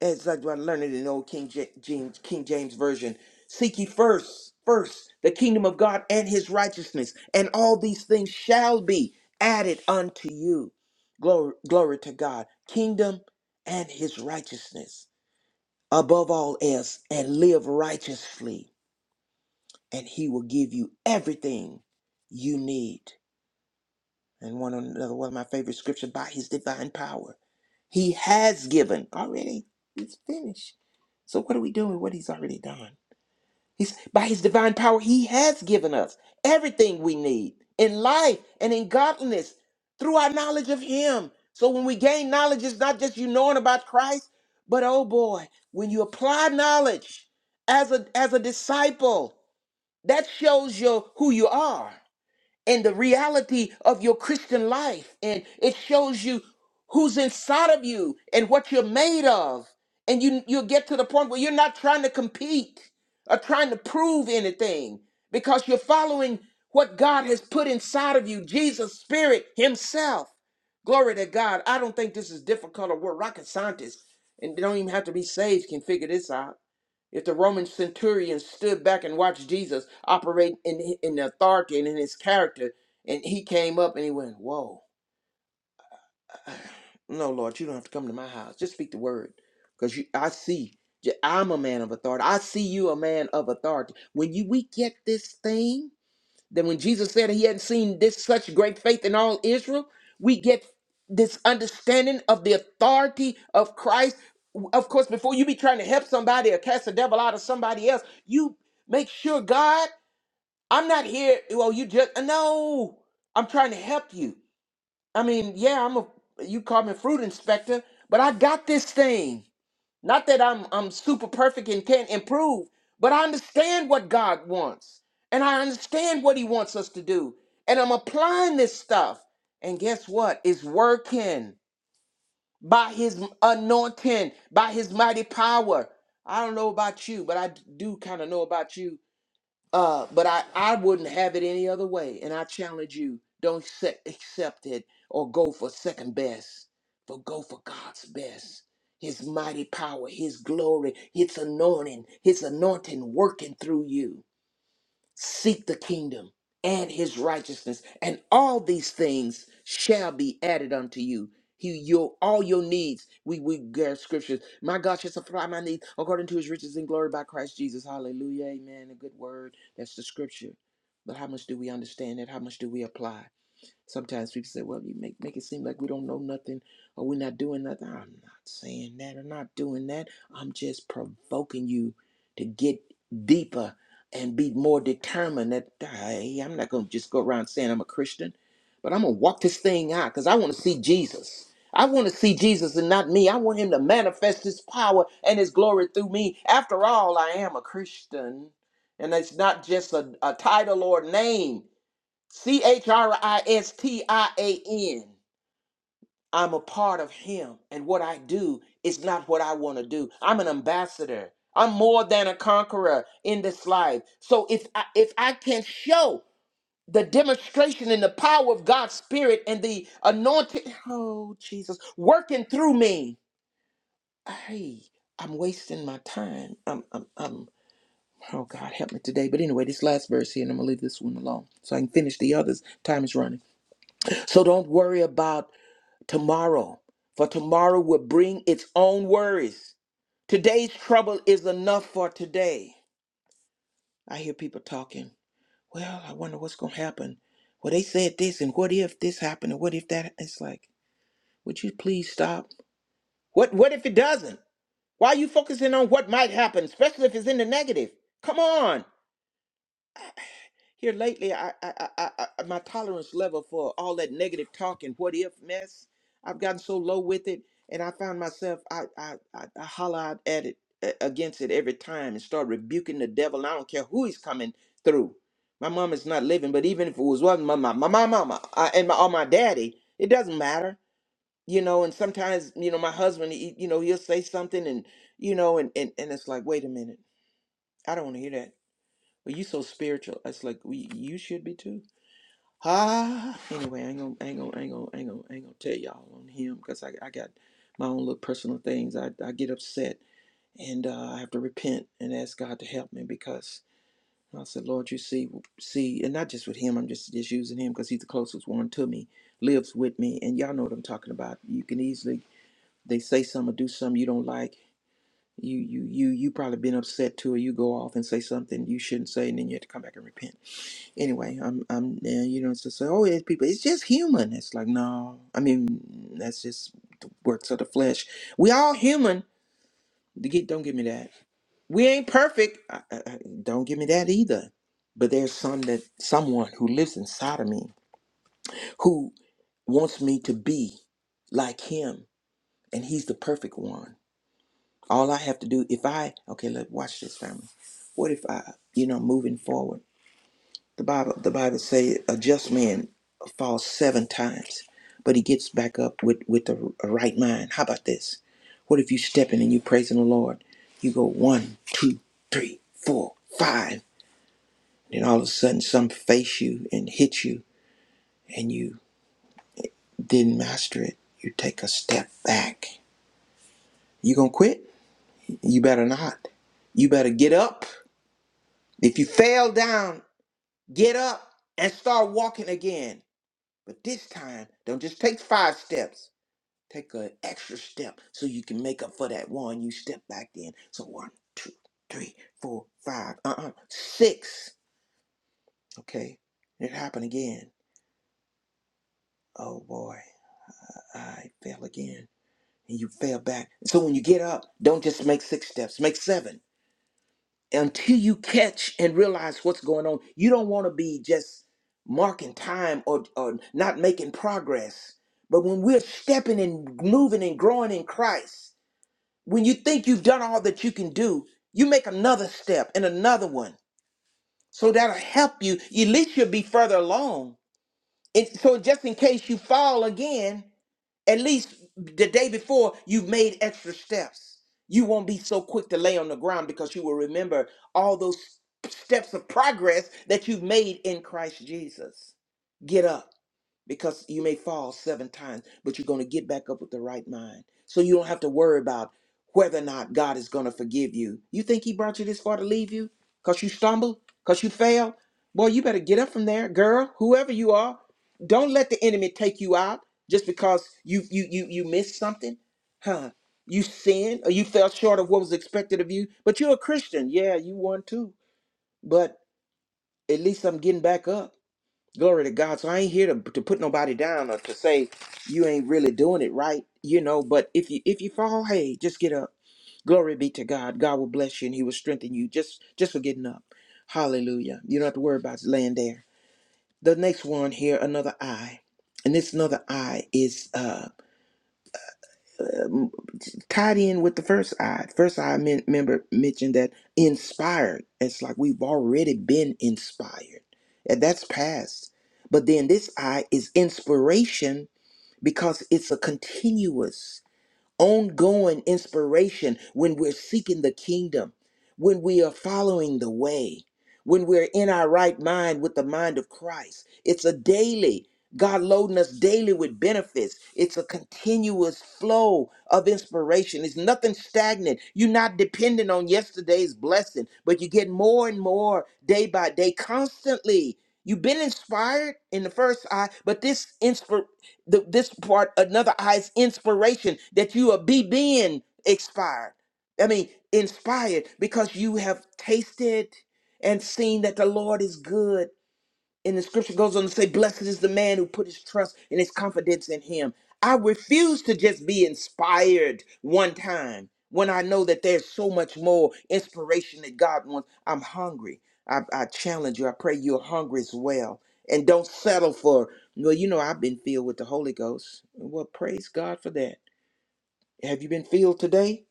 C: as i I learned it in old king Ja- james king james version seek ye first first the kingdom of god and his righteousness and all these things shall be added unto you glory glory to god kingdom and his righteousness above all else and live righteously and he will give you everything you need and one another one of my favorite scriptures by his divine power He has given already. It's finished. So what are we doing? with What he's already done. He's by his divine power, he has given us everything we need in life and in godliness through our knowledge of him. So when we gain knowledge, it's not just you knowing about Christ, but oh boy, when you apply knowledge as a as a disciple, that shows you who you are and the reality of your Christian life. And it shows you who's inside of you and what you're made of. And you you'll get to the point where you're not trying to compete or trying to prove anything because you're following what God has put inside of you, Jesus' spirit himself. Glory to God. I don't think this is difficult or we're rocket scientists and they don't even have to be saved can figure this out. If the Roman centurion stood back and watched Jesus operate in in authority and in his character, and he came up and he went, "Whoa, no, Lord, you don't have to come to my house. Just speak the word, because you, I see, i I'm a man of authority. I see you, a man of authority. When you we get this thing." Then when Jesus said he hadn't seen this such great faith in all Israel, we get this understanding of the authority of Christ. Of course, before you be trying to help somebody or cast the devil out of somebody else, you make sure God, I'm not here. Well, you just no, I'm trying to help you. I mean, yeah, I'm a you call me fruit inspector, but I got this thing. Not that I'm I'm super perfect and can't improve, but I understand what God wants. And I understand what he wants us to do. And I'm applying this stuff. And guess what? It's working by his anointing, by his mighty power. I don't know about you, but I do kind of know about you uh, but I, I wouldn't have it any other way. And I challenge you don't accept, accept it or go for second best, but go for God's best. His mighty power, His glory, His anointing, His anointing working through you seek the kingdom and his righteousness and all these things shall be added unto you he your all your needs we we get scriptures my god shall supply my needs according to his riches and glory by christ jesus hallelujah amen a good word that's the scripture but how much do we understand it how much do we apply Sometimes people say, well, you make, make it seem like we don't know nothing or we're not doing nothing. I'm not saying that. I'm not doing that. I'm just provoking you to get deeper and be more determined that hey, I'm not going to just go around saying I'm a Christian, but I'm going to walk this thing out because I want to see Jesus. I want to see Jesus and not me. I want him to manifest his power and his glory through me. After all, I am a Christian. And it's not just a, a title or a name. C H R I S T I A N. I'm a part of Him, and what I do is not what I want to do. I'm an ambassador. I'm more than a conqueror in this life. So if I, if I can show the demonstration and the power of God's Spirit and the anointing, oh Jesus, working through me, hey, I'm wasting my time. I'm, I'm, I'm. Oh God, help me today. But anyway, this last verse here, and I'm gonna leave this one alone so I can finish the others. Time is running. So don't worry about tomorrow, for tomorrow will bring its own worries. Today's trouble is enough for today. I hear people talking, well, I wonder what's going to happen. Well, they said this, and what if this happened, and what if that? It's like, would you please stop? What, what if it doesn't? Why are you focusing on what might happen, especially if it's in the negative? Come on. Here lately, I, I, I, I I- my tolerance level for all that negative talk and what if mess, I've gotten so low with it, and I found myself I I I, I holler out at it uh, against it every time and start rebuking the devil. And I don't care who he's coming through. My mom is not living, but even if it was one my my my my mama uh, and my or my daddy, it doesn't matter, you know. And sometimes you know my husband, he, you know, he'll say something, and you know, and and and it's like, wait a minute, I don't want to hear that. Well, you so spiritual. It's like we you should be too Ah, anyway, I ain't gonna, I ain't gonna, I ain't gonna, I ain't gonna, I ain't gonna tell y'all on him because I, I got my own little personal things. I, I get upset and uh, I have to repent and ask God to help me because I said, Lord, you see, see, and not just with him. I'm just just using him because he's the closest one to me, lives with me, and y'all know what I'm talking about. You can easily they say something or do something you don't like. You, you, you, you probably been upset too, or you go off and say something you shouldn't say, and then you have to come back and repent Anyway, I'm I'm yeah, you know, it's just like, oh, it's people, it's just human. It's like, no, I mean, that's just the works of the flesh. We all human. To Get don't give me that. We ain't perfect. I, I, I- don't give me that either. But there's some that someone who lives inside of me who wants me to be like him, and he's the perfect one. All I have to do, if I okay, let watch this family. What if I, you know, moving forward? The Bible, the Bible say a just man falls seven times, but he gets back up with with a, a right mind. How about this? What if you stepping and you praising the Lord? You go one, two, three, four, five, then all of a sudden some face you and hit you, and you didn't master it. You take a step back. You gonna quit? You better not. You better get up. If you fell down, get up and start walking again. But this time, don't just take five steps. Take an extra step so you can make up for that one. You step back in. So one, two, three, four, five, uh-uh, six. Okay, it happened again. Oh boy, I fell again. And you fell back. So when you get up, don't just make six steps, make seven. Until you catch and realize what's going on, you don't want to be just marking time or, or not making progress. But when we're stepping and moving and growing in Christ, When you think you've done all that you can do, you make another step and another one. So that'll help you. At least you'll be further along. And so just in case you fall again, at least the day before you've made extra steps. You won't be so quick to lay on the ground because you will remember all those steps of progress that you've made in Christ Jesus. Get up because you may fall seven times, but you're going to get back up with the right mind. So you don't have to worry about whether or not God is going to forgive you. You think He brought you this far to leave you because you stumbled, because you failed? Boy, you better get up from there, girl. Whoever you are, don't let the enemy take you out just because you you you you missed something, huh? You sinned or you fell short of what was expected of you. But you're a Christian, yeah, you won too. But at least I'm getting back up. Glory to God. So I ain't here to, to put nobody down or to say you ain't really doing it right, you know. But if you if you fall, hey, just get up. Glory be to God. God will bless you and He will strengthen you just just for getting up. Hallelujah. You don't have to worry about laying there. The next one here, another eye, and this another eye is uh, uh, tied in with the first eye. First eye men- member mentioned that inspired. It's like we've already been inspired, and that's past. But then this eye is inspiration because it's a continuous, ongoing inspiration when we're seeking the kingdom, when we are following the way, when we're in our right mind with the mind of Christ. It's a daily. God loading us daily with benefits. It's a continuous flow of inspiration. It's nothing stagnant. You're not dependent on yesterday's blessing, but you get more and more day by day, constantly. You've been inspired in the first eye, but this inspir the, this part, another eye is inspiration that you are be being expired. I mean, inspired because you have tasted and seen that the Lord is good and the scripture goes on to say, Blessed is the man who put his trust and his confidence in him. I refuse to just be inspired one time when I know that there's so much more inspiration that God wants. I'm hungry. I, I challenge you. I pray you're hungry as well. And don't settle for, well, you know, I've been filled with the Holy Ghost. Well, praise God for that. Have you been filled today?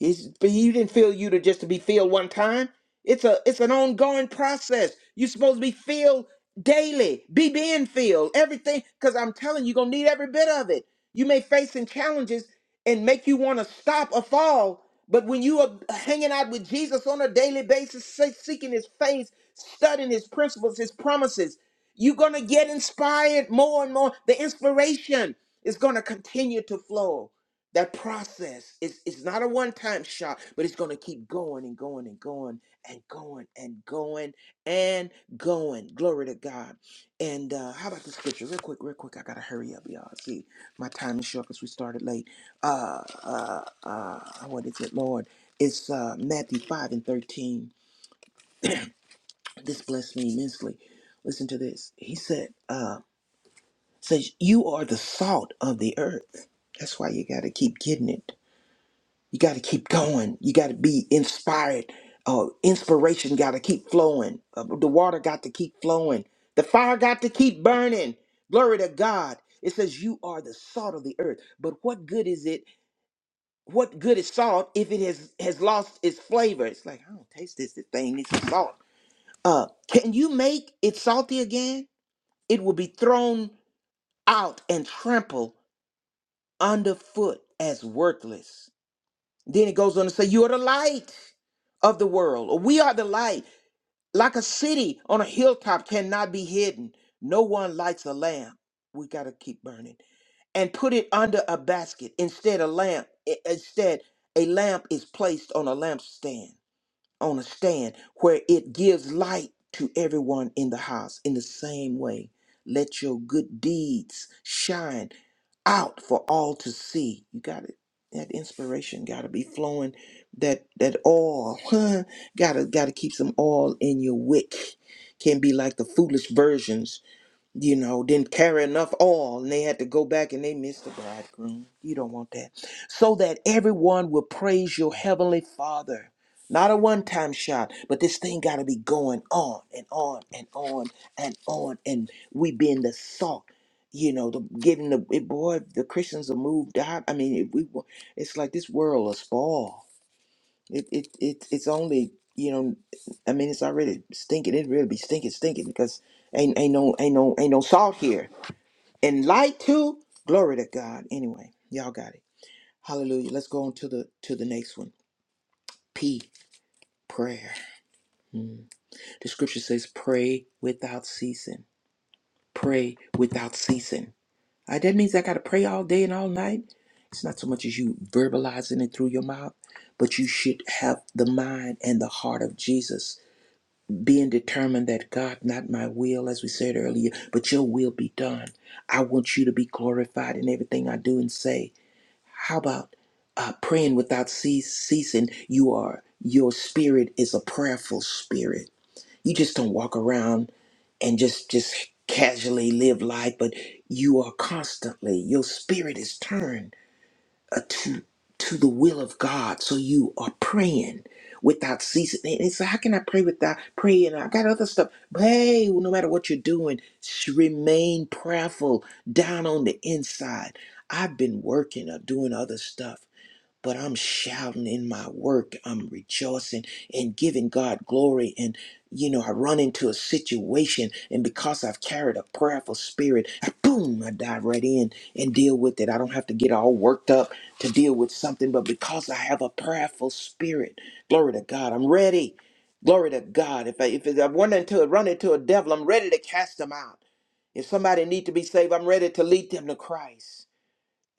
C: It's, but you didn't feel you to just to be filled one time. It's a it's an ongoing process. You're supposed to be filled daily. Be being filled. Everything, because I'm telling you, you're gonna need every bit of it. You may face some challenges and make you want to stop or fall. But when you are hanging out with Jesus on a daily basis, se- seeking his face, studying his principles, his promises, you're gonna get inspired more and more. The inspiration is gonna continue to flow. That process is it's not a one-time shot, but it's gonna keep going and going and going and going and going and going. Glory to God. And uh how about the scripture? Real quick, real quick. I gotta hurry up, y'all. See, my time is short because we started late. Uh uh uh what is it, Lord? It's uh Matthew 5 and 13. This blessed me immensely. Listen to this. He said, uh, says you are the salt of the earth. That's why you gotta keep getting it. You got to keep going. You got to be inspired. Uh, inspiration got to keep flowing. Uh, the water got to keep flowing. The fire got to keep burning. Glory to God. It says you are the salt of the earth. But what good is it? What good is salt if it has has lost its flavor? It's like I don't taste this this thing. It's salt. Uh, can you make it salty again? It will be thrown out and trampled underfoot as worthless. Then it goes on to say, You are the light of the world, or we are the light. Like a city on a hilltop cannot be hidden. No one lights a lamp. We got to keep burning and put it under a basket instead a lamp. i- Instead, a lamp is placed on a lampstand on a stand where it gives light to everyone in the house. In the same way, let your good deeds shine out for all to see. You got it. That inspiration got to be flowing. That that oil, huh? Gotta gotta keep some oil in your wick. Can be like the foolish versions you know, didn't carry enough oil and they had to go back and they missed the bridegroom. You don't want that. So that everyone will praise your heavenly Father. Not a one time shot, but this thing got to be going on and on and on and on. And we being the salt, you know, the giving the eh, boy, if the Christians are moved out. I mean, if we, wa- it's like this world is spoiled. It, it, it, it's only, you know, I mean, it's already stinking. It really be stinking, stinking because ain't, ain't no, ain't no, ain't no salt here. And light too. Glory to God. Anyway, y'all got it. Hallelujah. Let's go on to the, to the next one. P, prayer. Mm. The scripture says, pray without ceasing. Pray without ceasing. Uh, that means I got to pray all day and all night. It's not so much as you verbalizing it through your mouth, but you should have the mind and the heart of Jesus being determined that God, not my will, as we said earlier, but your will be done. I want you to be glorified in everything I do and say. How about uh, praying without cease, ceasing? You are, your spirit is a prayerful spirit. You just don't walk around and just, just casually live life, but you are constantly, your spirit is turned uh, to to the will of God. So you are praying without ceasing. And it's like, how can I pray without praying? I got other stuff. But hey, no matter what you're doing, sh- remain prayerful down on the inside. I've been working or doing other stuff but I'm shouting in my work. I'm rejoicing and giving God glory. And, you know, I run into a situation, and because I've carried a prayerful spirit, I, boom, I dive right in and deal with it. I don't have to get all worked up to deal with something, but because I have a prayerful spirit, glory to God, I'm ready. Glory to God. If I, if I run into, run into a devil, I'm ready to cast them out. If somebody need to be saved, I'm ready to lead them to Christ.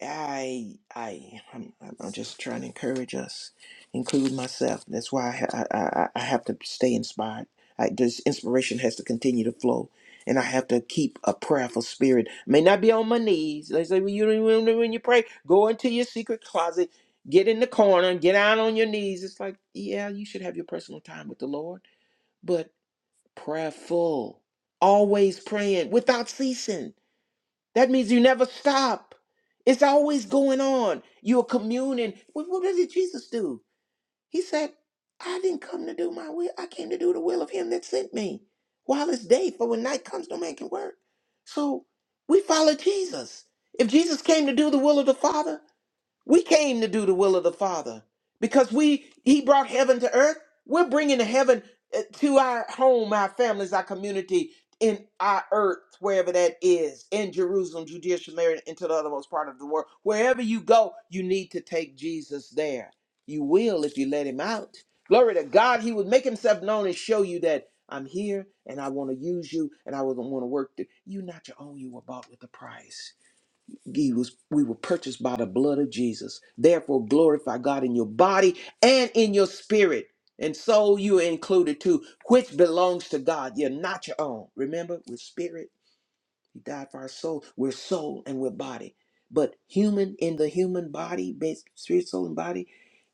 C: I, I, I'm, I'm I'm just trying to encourage us, include myself. That's why I, I, I I have to stay inspired. I, this inspiration has to continue to flow, and I have to keep a prayerful spirit. May not be on my knees. They say, well, you don't even know when you pray, go into your secret closet, get in the corner, and get out on your knees. It's like, yeah, you should have your personal time with the Lord, but prayerful, always praying without ceasing. That means you never stop. It's always going on. You're communing. What, what did Jesus do? He said, I didn't come to do my will. I came to do the will of him that sent me. While it's day, for when night comes, no man can work. So we follow Jesus. If Jesus came to do the will of the Father, we came to do the will of the Father because we he brought heaven to earth. We're bringing heaven uh, to our home, our families, our community, in our earth, wherever that is, in Jerusalem, Judea, Samaria, into the othermost part of the world. Wherever you go, you need to take Jesus there. You will if you let him out. Glory to God, he would make himself known and show you that I'm here and I want to use you and I want to work. Through. You're not your own, you were bought with a price. He was, we were purchased by the blood of Jesus. Therefore, glorify God in your body and in your spirit. And soul you are included too, which belongs to God. You're not your own. Remember, with spirit he died for our soul. We're soul and we're body. But human in the human body, bas- spirit, soul, and body,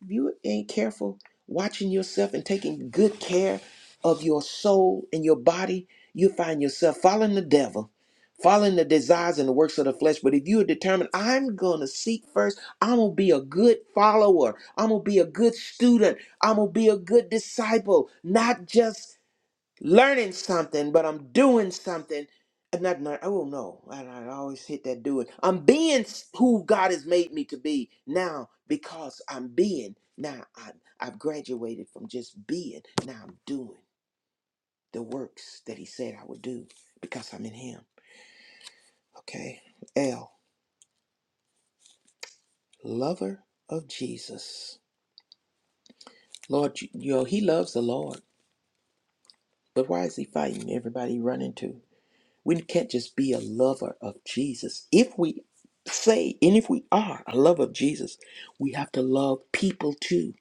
C: if you ain't careful watching yourself and taking good care of your soul and your body, you find yourself following the devil, following the desires and the works of the flesh. But if you are determined, I'm going to seek first, I'm going to be a good follower, I'm going to be a good student, I'm going to be a good disciple, not just learning something, but I'm doing something. uh, Not, not oh no, I, I always hit that doing. I'm being s- who God has made me to be now because I'm being. Now I, I've graduated from just being. Now I'm doing the works that He said I would do because I'm in Him. Okay. L, lover of Jesus. Lord, you, you know, He loves the Lord, but why is He fighting everybody he run into? We can't just be a lover of Jesus. If we say, and if we are a lover of Jesus, we have to love people too.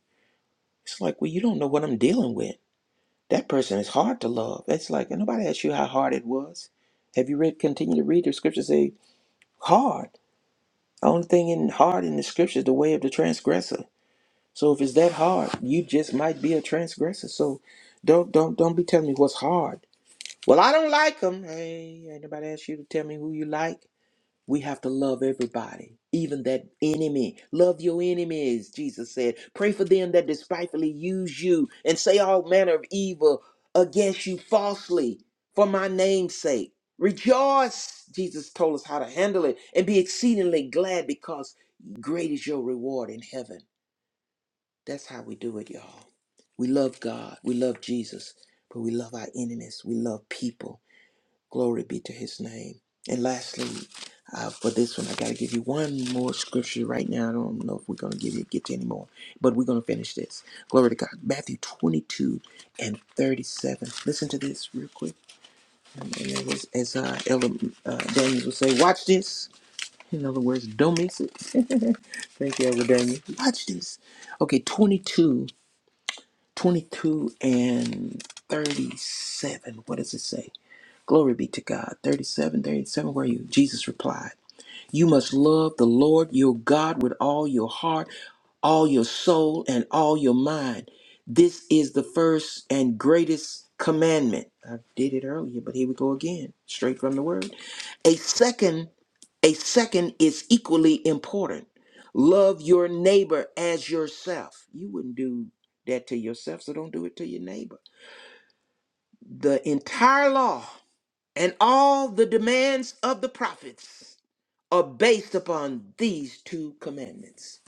C: It's like, well, you don't know what I'm dealing with. That person is hard to love. It's like nobody asked you how hard it was. Have you read continue to read the scriptures say hard? Only thing in hard in the scriptures the way of the transgressor. So if it's that hard, you just might be a transgressor. So don't don't don't be telling me what's hard. Well, I don't like them. Hey, ain't nobody asked you to tell me who you like. We have to love everybody, even that enemy. Love your enemies, Jesus said. Pray for them that despitefully use you and say all manner of evil against you falsely for my name's sake. Rejoice, Jesus told us how to handle it, and be exceedingly glad because great is your reward in heaven. That's how we do it, y'all. We love God, we love Jesus, but we love our enemies, we love people. Glory be to his name. And lastly, uh, for this one, I got to give you one more scripture right now. I don't know if we're going to give you, get to any more, but we're going to finish this. Glory to God. Matthew 22 and 37. Listen to this real quick. And it was, as uh, Elder uh, Daniels would say, watch this. In other words, don't miss it. Thank you, Elder Daniels. Watch this. Okay, 22, 22 and 37. What does it say? Glory be to God. 37, 37. where are you? Jesus replied, You must love the Lord your God with all your heart, all your soul, and all your mind. This is the first and greatest commandment. I did it earlier, but here we go again, straight from the word. A second, a second is equally important. Love your neighbor as yourself. You wouldn't do that to yourself, so don't do it to your neighbor. The entire law and all the demands of the prophets are based upon these two commandments.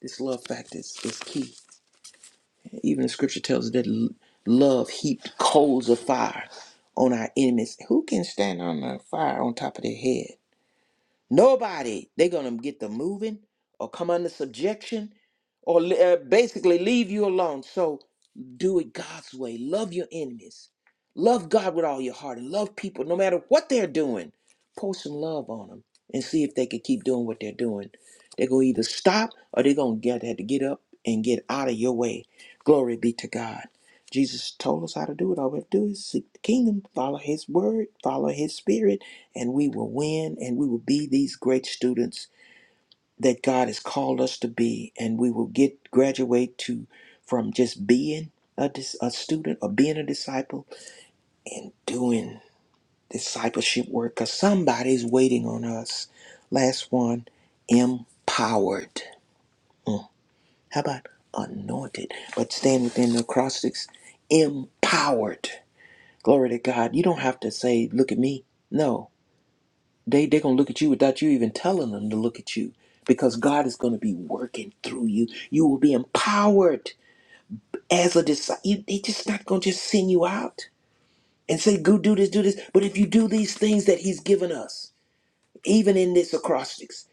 C: This love fact is, is key. Even the scripture tells us that l- love heaped coals of fire on our enemies. Who can stand on the fire on top of their head? Nobody. They're going to get the moving or come under subjection or li- uh, basically leave you alone. So do it God's way. Love your enemies. Love God with all your heart and love people no matter what they're doing. Pour some love on them and see if they can keep doing what they're doing. They're going to either stop or they're going to get have to get up and get out of your way. Glory be to God. Jesus told us how to do it. All we have to do is seek the kingdom, follow his word, follow his spirit, and we will win and we will be these great students that God has called us to be and we will get graduate to from just being a, dis, a student or being a disciple and doing discipleship work because somebody's waiting on us last one empowered Mm. how about anointed but stand within the acrostics empowered glory to god you don't have to say look at me no they they're gonna look at you without you even telling them to look at you because god is gonna be working through you you will be empowered as a disciple they just not gonna just send you out and say go do this do this but if you do these things that he's given us even in this acrostics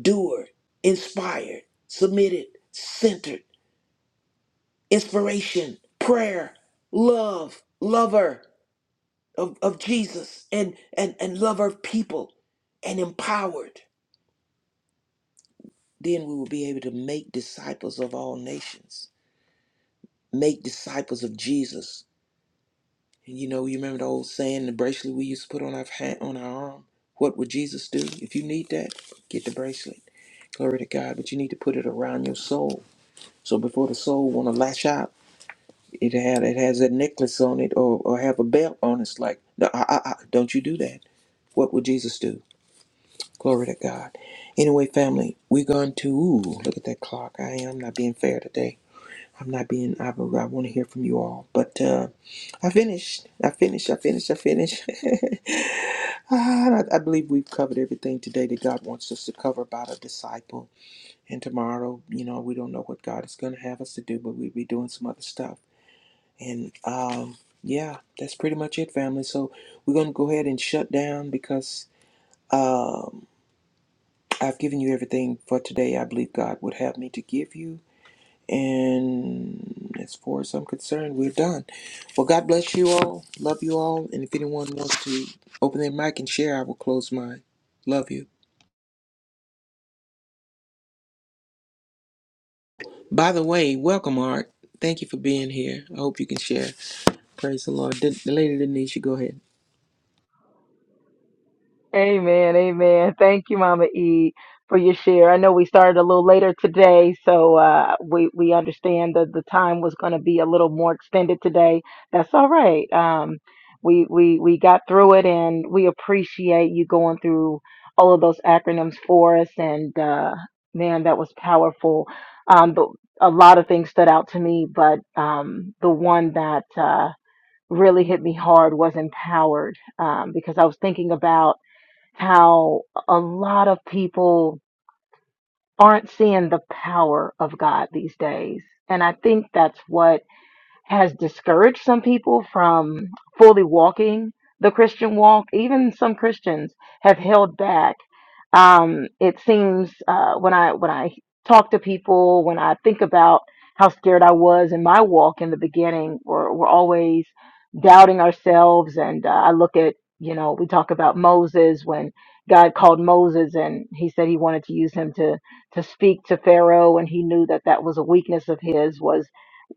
C: doer inspired submitted centered inspiration prayer love lover of, of jesus and, and and lover of people and empowered Then we will be able to make disciples of all nations, make disciples of Jesus. And you know, you remember the old saying, the bracelet we used to put on our hand, on our arm. What would Jesus do? If you need that, get the bracelet. Glory to God. But you need to put it around your soul. So before the soul want to lash out, it had it has a necklace on it or, or have a belt on. It's like, no, I, I, I, don't you do that. What would Jesus do? Glory to God. Anyway, family, we're going to ooh, look at that clock. I am not being fair today. I'm not being, I, I want to hear from you all. But uh, I finished. I finished. I finished. I finished. Ah, I, I believe we've covered everything today that God wants us to cover about a disciple. And tomorrow, you know, we don't know what God is going to have us to do, but we'll be doing some other stuff. And um, yeah, that's pretty much it, family. So we're going to go ahead and shut down because um, I've given you everything for today I believe God would have me to give you. And as far as I'm concerned, we're done. Well, God bless you all. Love you all. And if anyone wants to open their mic and share, I will close mine. Love you. By the way, welcome, Art. Thank you for being here. I hope you can share. Praise the Lord. Den- Lady Denisha, go ahead.
A: Amen, amen. Thank you, Mama E, for your share. I know we started a little later today, so uh, we we understand that the time was going to be a little more extended today. That's all right. Um, we we we got through it, and we appreciate you going through all of those acronyms for us. And uh, man, that was powerful. Um, but a lot of things stood out to me, but um, the one that uh, really hit me hard was empowered, um, because I was thinking about how a lot of people aren't seeing the power of God these days. And I think that's what has discouraged some people from fully walking the Christian walk. Even some Christians have held back um, it seems uh, when I when I talk to people, when I think about how scared I was in my walk in the beginning, we're, we're always doubting ourselves. And uh, I look at you know we talk about Moses when God called Moses and he said he wanted to use him to to speak to Pharaoh, and he knew that that was a weakness of his was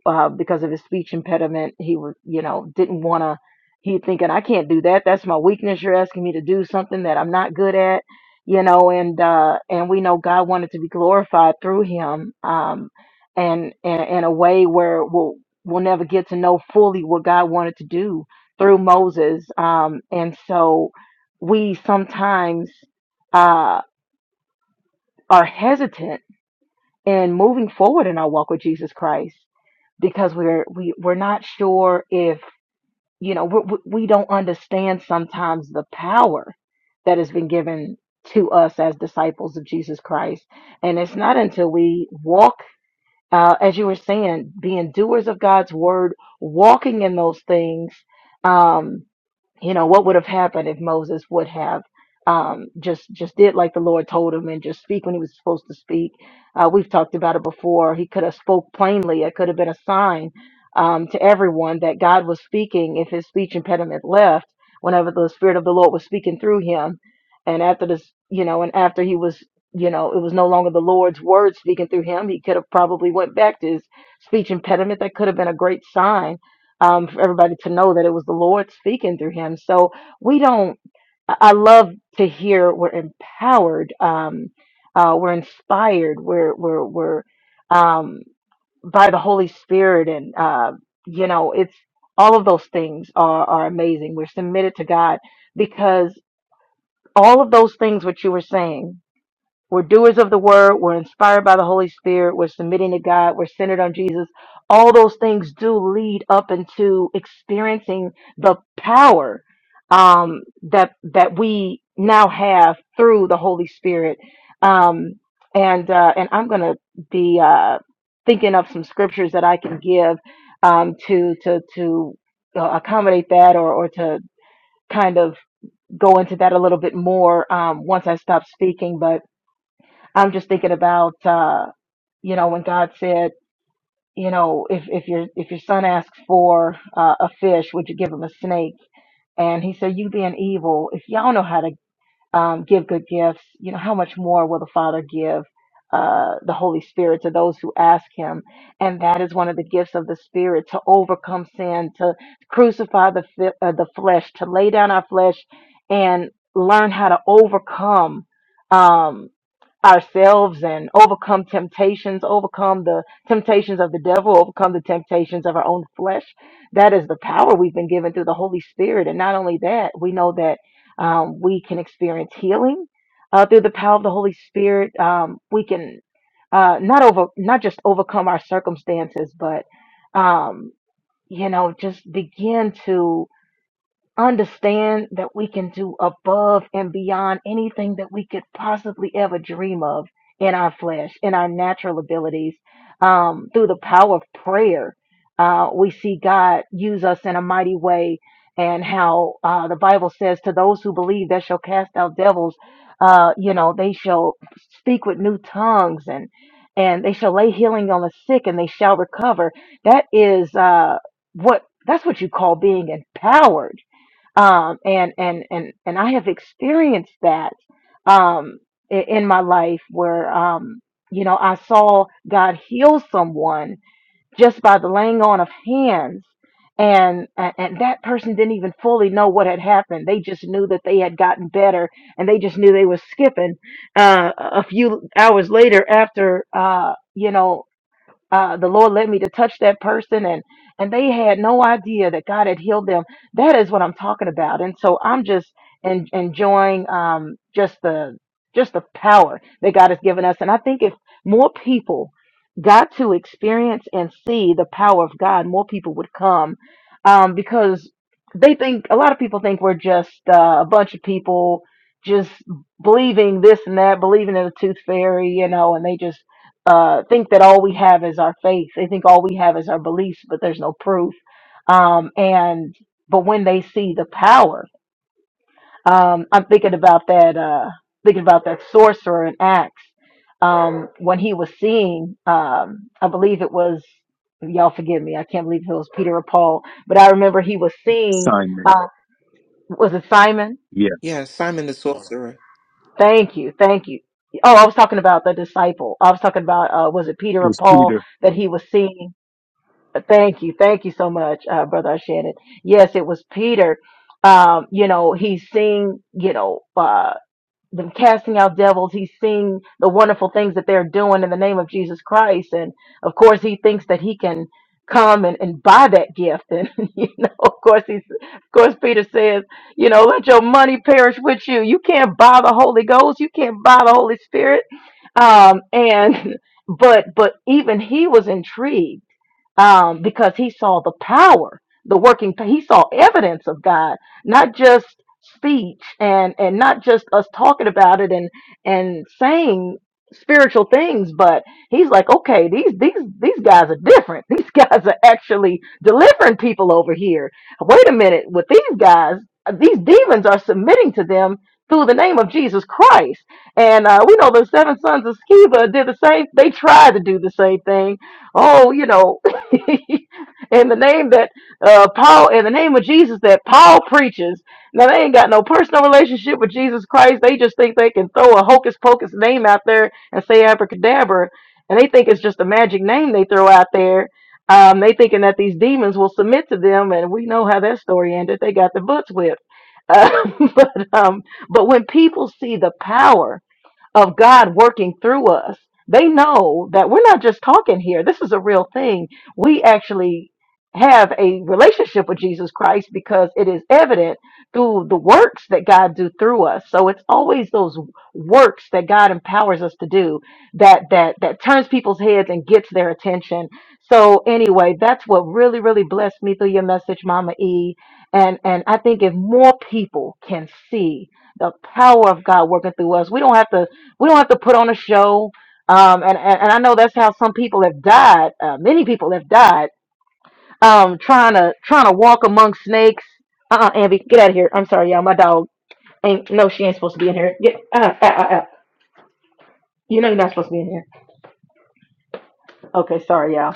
A: uh, because of his speech impediment. He was, you know, didn't want to. He thinking, I can't do that. That's my weakness. You're asking me to do something that I'm not good at, you know. And uh, and we know God wanted to be glorified through him, um, and and in a way where we'll we'll never get to know fully what God wanted to do through Moses. Um, and so we sometimes uh, are hesitant in moving forward in our walk with Jesus Christ because we're we, we're not sure if you know we we don't understand sometimes the power that has been given to us as disciples of Jesus Christ, and it's not until we walk uh, as you were saying, being doers of God's word, walking in those things. Um, you know what would have happened if moses would have um, just just did like the lord told him and just speak when he was supposed to speak uh, we've talked about it before he could have spoke plainly it could have been a sign um, to everyone that god was speaking if his speech impediment left whenever the spirit of the lord was speaking through him and after this you know and after he was you know it was no longer the lord's word speaking through him he could have probably went back to his speech impediment that could have been a great sign um, for everybody to know that it was the Lord speaking through him. So we don't, I I love to hear we're empowered, um, uh, we're inspired, we're, we're, we're, um, by the Holy Spirit. And, uh, you know, it's all of those things are, are amazing. We're submitted to God because all of those things, what you were saying, we're doers of the word. We're inspired by the Holy Spirit. We're submitting to God. We're centered on Jesus. All those things do lead up into experiencing the power um, that that we now have through the Holy Spirit. Um, and uh, and I'm gonna be uh, thinking of some scriptures that I can give um, to to to uh, accommodate that or or to kind of go into that a little bit more um, once I stop speaking, but I'm just thinking about uh, you know when God said, you know, if if your if your son asks for uh, a fish, would you give him a snake? And he said, you being evil, if y'all know how to um, give good gifts, you know how much more will the Father give uh, the Holy Spirit to those who ask Him? And that is one of the gifts of the Spirit to overcome sin, to crucify the fi- uh, the flesh, to lay down our flesh, and learn how to overcome. Um, ourselves and overcome temptations, overcome the temptations of the devil, overcome the temptations of our own flesh. That is the power we've been given through the Holy Spirit. And not only that, we know that um, we can experience healing uh, through the power of the Holy Spirit. Um, we can uh, not over, not just overcome our circumstances, but um, you know, just begin to Understand that we can do above and beyond anything that we could possibly ever dream of in our flesh, in our natural abilities. Um, through the power of prayer, uh, we see God use us in a mighty way. And how uh, the Bible says, to those who believe that shall cast out devils, uh, you know, they shall speak with new tongues and and they shall lay healing on the sick and they shall recover. That is uh, what that's what you call being empowered um, and and and and I have experienced that um, i- in my life where um, you know I saw God heal someone just by the laying on of hands, and a- and that person didn't even fully know what had happened. They just knew that they had gotten better, and they just knew they were skipping uh, a a few hours later after uh, you know uh, the Lord led me to touch that person, and and they had no idea that God had healed them. That is what I'm talking about, and so I'm just en- enjoying um, just the just the power that God has given us, and I think if more people got to experience and see the power of God, more people would come um, because they think a lot of people think we're just uh, a bunch of people just believing this and that, believing in the tooth fairy, you know, and they just uh, think that all we have is our faith. They think all we have is our beliefs, but there's no proof. Um, and but when they see the power, um, I'm thinking about that. Uh, thinking about that sorcerer in Acts um, when he was seeing. Um, I believe it was y'all forgive me. I can't believe if it was Peter or Paul, but I remember he was seeing.
F: Simon.
A: Uh, was it Simon?
F: Yeah,
C: Yeah, Simon the Sorcerer.
A: Thank you, thank you. Oh, I was talking about the disciple. I was talking about uh, was it Peter
F: it
A: or
F: was
A: Paul
F: Peter.
A: that he was seeing? Thank you. Thank you so much, uh, Brother Shannon. Yes, it was Peter. Um, you know, he's seeing, you know, uh, them casting out devils. He's seeing the wonderful things that they're doing in the name of Jesus Christ. And of course, he thinks that he can come and, and buy that gift. And, you know, of course, he's, of course, Peter says, you know, let your money perish with you. You can't buy the Holy Ghost. You can't buy the Holy Spirit. Um, and, but, but even he was intrigued um, because he saw the power, the working. He saw evidence of God, not just speech and and not just us talking about it and and saying spiritual things, but he's like, okay, these these these guys are different. These guys are actually delivering people over here. Wait a minute, with these guys, these demons are submitting to them. Through the name of Jesus Christ, and uh, we know the seven sons of Sceva did the same. They tried to do the same thing, oh, you know, in the name that uh, Paul, in the name of Jesus that Paul preaches. Now they ain't got no personal relationship with Jesus Christ. They just think they can throw a hocus pocus name out there and say abracadabra, and they think it's just a magic name they throw out there. Um, they thinking that these demons will submit to them, and we know how that story ended. They got the butts whipped. Uh, but um, but when people see the power of God working through us, they know that we're not just talking here. This is a real thing. We actually have a relationship with Jesus Christ because it is evident through the works that God do through us. So it's always those works that God empowers us to do that that that turns people's heads and gets their attention. So anyway, that's what really really blessed me through your message, Mama E. And and I think if more people can see the power of God working through us. We don't have to we don't have to put on a show. Um, and, and, and I know that's how some people have died. Uh, many people have died um, trying to trying to walk among snakes. Uh, uh Amby, get out of here. I'm sorry, y'all. My dog ain't. No, she ain't supposed to be in here. Get, uh, uh, uh, uh. You know you're not supposed to be in here. Okay, sorry, y'all.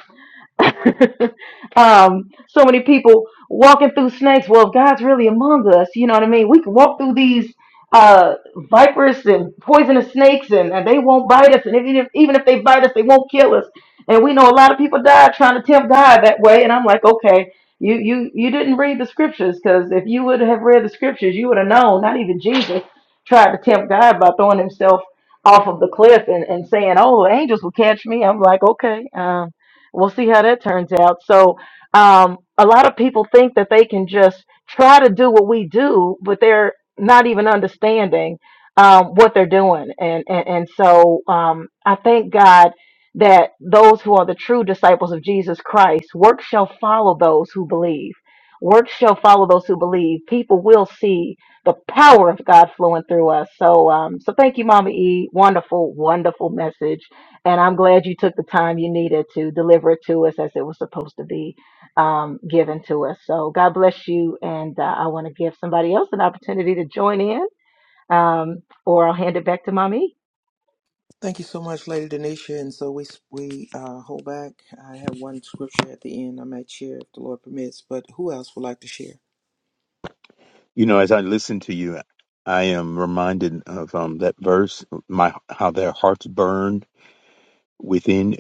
A: um, so many people walking through snakes. Well, if God's really among us, you know what I mean? We can walk through these uh, vipers and poisonous snakes, and, and they won't bite us. And even if, even if they bite us, they won't kill us. And we know a lot of people died trying to tempt God that way. And I'm like, okay, you you you didn't read the scriptures because if you would have read the scriptures, you would have known. Not even Jesus tried to tempt God by throwing himself off of the cliff and, and saying, "Oh, angels will catch me." I'm like, okay. Um, We'll see how that turns out. So, um, a lot of people think that they can just try to do what we do, but they're not even understanding um, what they're doing. And and, and so, um, I thank God that those who are the true disciples of Jesus Christ, work shall follow those who believe. Work shall follow those who believe. People will see the power of God flowing through us. So, um, so thank you, Mama E. Wonderful, wonderful message and I'm glad you took the time you needed to deliver it to us as it was supposed to be um, given to us. So God bless you. And uh, I want to give somebody else an opportunity to join in, um, or I'll hand it back to Mommy.
C: Thank you so much, Lady Denisha. And so we we uh, hold back. I have one scripture at the end I might share if the Lord permits. But who else would like to share?
F: You know, as I listen to you, I am reminded of um, that verse, my how their hearts burned within.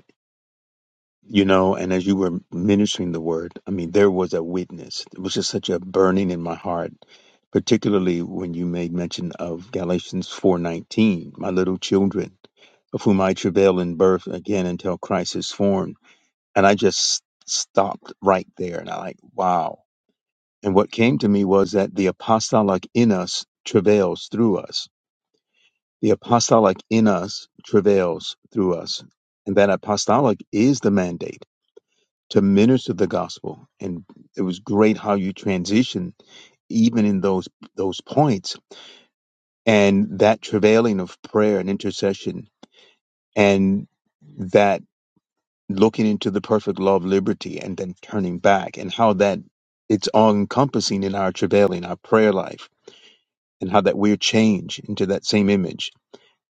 F: You know, and as you were ministering the word, I mean, there was a witness. It was just such a burning in my heart, particularly when you made mention of Galatians four nineteen, my little children, of whom I travail in birth again until Christ is formed. And I just stopped right there, and I like, wow. And what came to me was that the apostolic in us travails through us. The apostolic in us travails through us. And that apostolic is the mandate to minister the gospel. And it was great how you transition even in those those points and that travailing of prayer and intercession and that looking into the perfect law of liberty and then turning back and how that it's all encompassing in our travailing, our prayer life and how that we're changed into that same image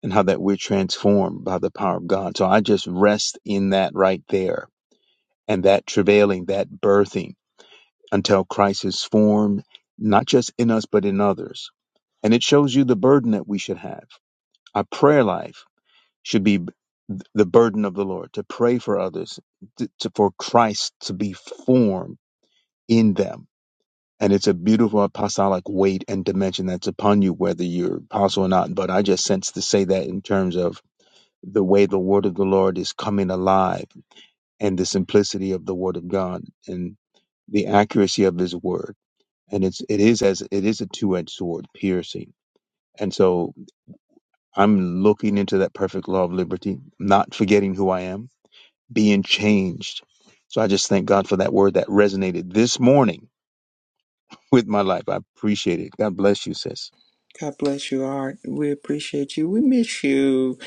F: and how that we're transformed by the power of God. So I just rest in that right there and that travailing, that birthing until Christ is formed, not just in us, but in others. And it shows you the burden that we should have. Our prayer life should be the burden of the Lord to pray for others, to, to- for Christ to be formed in them And it's a beautiful apostolic weight and dimension that's upon you, whether you're apostle or not. But I just sense to say that in terms of the way the word of the Lord is coming alive and the simplicity of the word of God and the accuracy of his word. And it's it is as it is a two edged sword piercing. And so I'm looking into that perfect law of liberty, not forgetting who I am, being changed. So I just thank God for that word that resonated this morning with my life. I appreciate it. God bless you, sis.
C: God bless you, Art. We appreciate you. We miss you.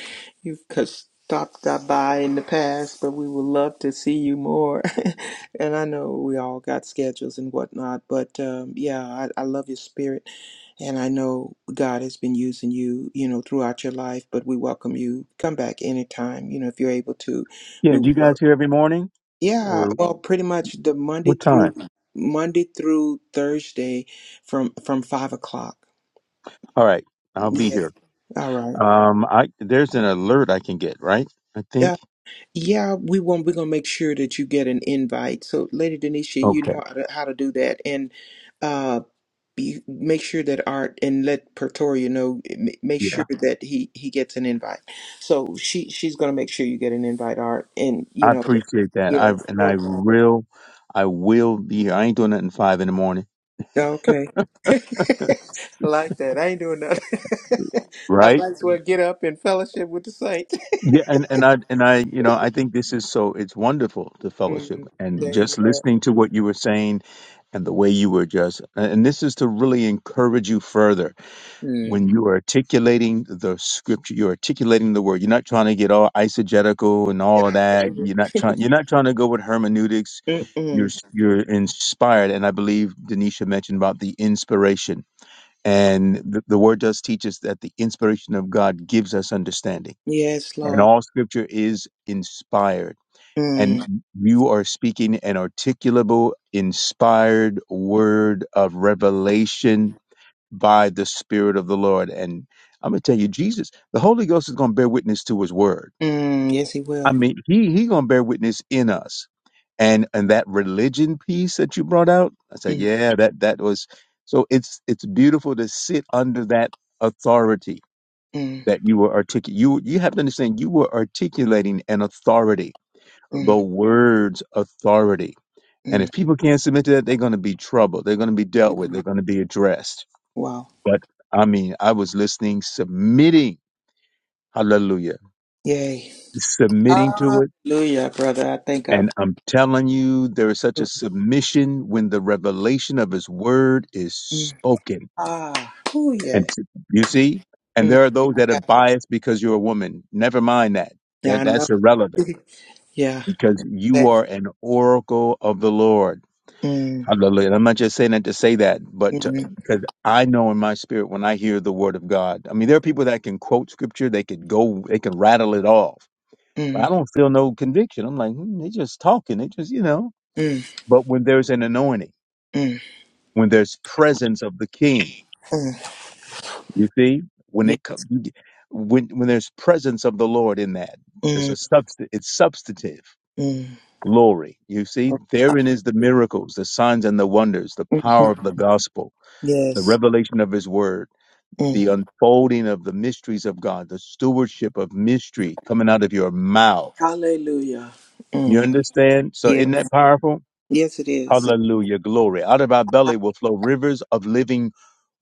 C: You've c- stopped that by in the past, but we would love to see you more. and I know we all got schedules and whatnot, but um, yeah, I, I love your spirit. And I know God has been using you, you know, throughout your life, but we welcome you. Come back anytime, you know, if you're able to.
F: Yeah,
C: We
F: you
C: would love.
F: guys here every morning,
C: Yeah,
F: or
C: well, pretty much the Monday
F: what time?
C: through Monday through Thursday from from five o'clock.
F: All right, I'll be
C: Yes.
F: here.
C: All right.
F: Um, I there's an alert I can get, right? I think.
C: Yeah, we want we're gonna make sure that you get an invite. So, Lady Denisha, you
F: Okay.
C: know how to, how to do that, and uh, be, make sure that Art and let Pretoria know. m- Make
F: Yeah,
C: sure that he he gets an invite. So she she's gonna make sure you get an invite, Art, and you
F: I
C: know,
F: appreciate that. I
C: yes,
F: and
C: no
F: I
C: problem.
F: will, I will be here. I ain't doing nothing five in the morning,
C: Okay, I like that. I ain't doing nothing. I
F: right?
C: might as well get up and fellowship with the saints.
F: Yeah, and and I and I, you know, I think this is so. It's wonderful the fellowship
C: mm
F: and
C: Amen.
F: just listening to what you were saying and the way you were just. And this is to really encourage you further
C: Mm.
F: when you are articulating the scripture, you're articulating the word. You're not trying to get all eisegetical and all of
C: Yeah.
F: that. You're not trying. You're not trying to go with hermeneutics. You're
C: Mm-mm.
F: s- you're inspired, and I believe Denisha mentioned about the inspiration, and the, the word does teach us that the inspiration of God gives us understanding,
C: Yes,
F: and
C: Lord.
F: all scripture is inspired. And
C: Mm,
F: you are speaking an articulable, inspired word of revelation by the Spirit of the Lord. And I'm gonna tell you, Jesus, the Holy Ghost is gonna bear witness to His Word.
C: mm, yes, he
F: I
C: will.
F: mean, He He gonna bear witness in us. And and that religion piece that you brought out, I said,
C: Mm,
F: yeah, that that was. So it's it's beautiful to sit under that authority
C: mm,
F: that you were articulating. You you have to understand you were articulating an authority, the
C: mm,
F: Word's authority. And
C: mm,
F: if people can't submit to that, they're going to be troubled. They're going to be dealt with.
C: mm.
F: They're going to be addressed.
C: Wow.
F: But I mean, I was listening, submitting, hallelujah,
C: Yay.
F: submitting to it.
C: Hallelujah, brother. I thank God.
F: And I'm telling you, there is such
C: Mm,
F: a submission when the revelation of his word is
C: mm.
F: spoken.
C: Ah, oh, yeah.
F: And t- you see, and
C: Mm,
F: there are those
C: I
F: that are
C: got it.
F: biased because you're a woman. Never mind that.
C: yeah,
F: That
C: I know.
F: that's irrelevant
C: yeah.
F: because you
C: That-
F: are an oracle of the Lord.
C: Mm,
F: Hallelujah. And I'm not just saying that to say that, but to-
C: mm,
F: because I know in my spirit when I hear the word of God. I mean, there are people that can quote scripture, they could go, they can rattle it off, but I
C: mm,
F: don't feel no conviction. I'm like, hmm, they're just talking. They just, you know.
C: mm,
F: But when there's an anointing,
C: mm,
F: when there's presence of the King,
C: mm.
F: you see, when
C: Yeah.
F: it comes, when when there's presence of the Lord in that, there's
C: Mm,
F: a substance. It's substantive
C: mm.
F: glory. You see, therein is the miracles, the signs and the wonders, the power
C: Mhm.
F: of the gospel the
C: Yes.
F: revelation of his word, the
C: Mm.
F: unfolding of the mysteries of God, the stewardship of mystery coming out of your mouth.
C: Hallelujah.
F: You
C: Mm.
F: understand? So
C: Yeah.
F: isn't that powerful?
C: Yes, it is.
F: Hallelujah. Glory. Out of our belly will flow rivers of living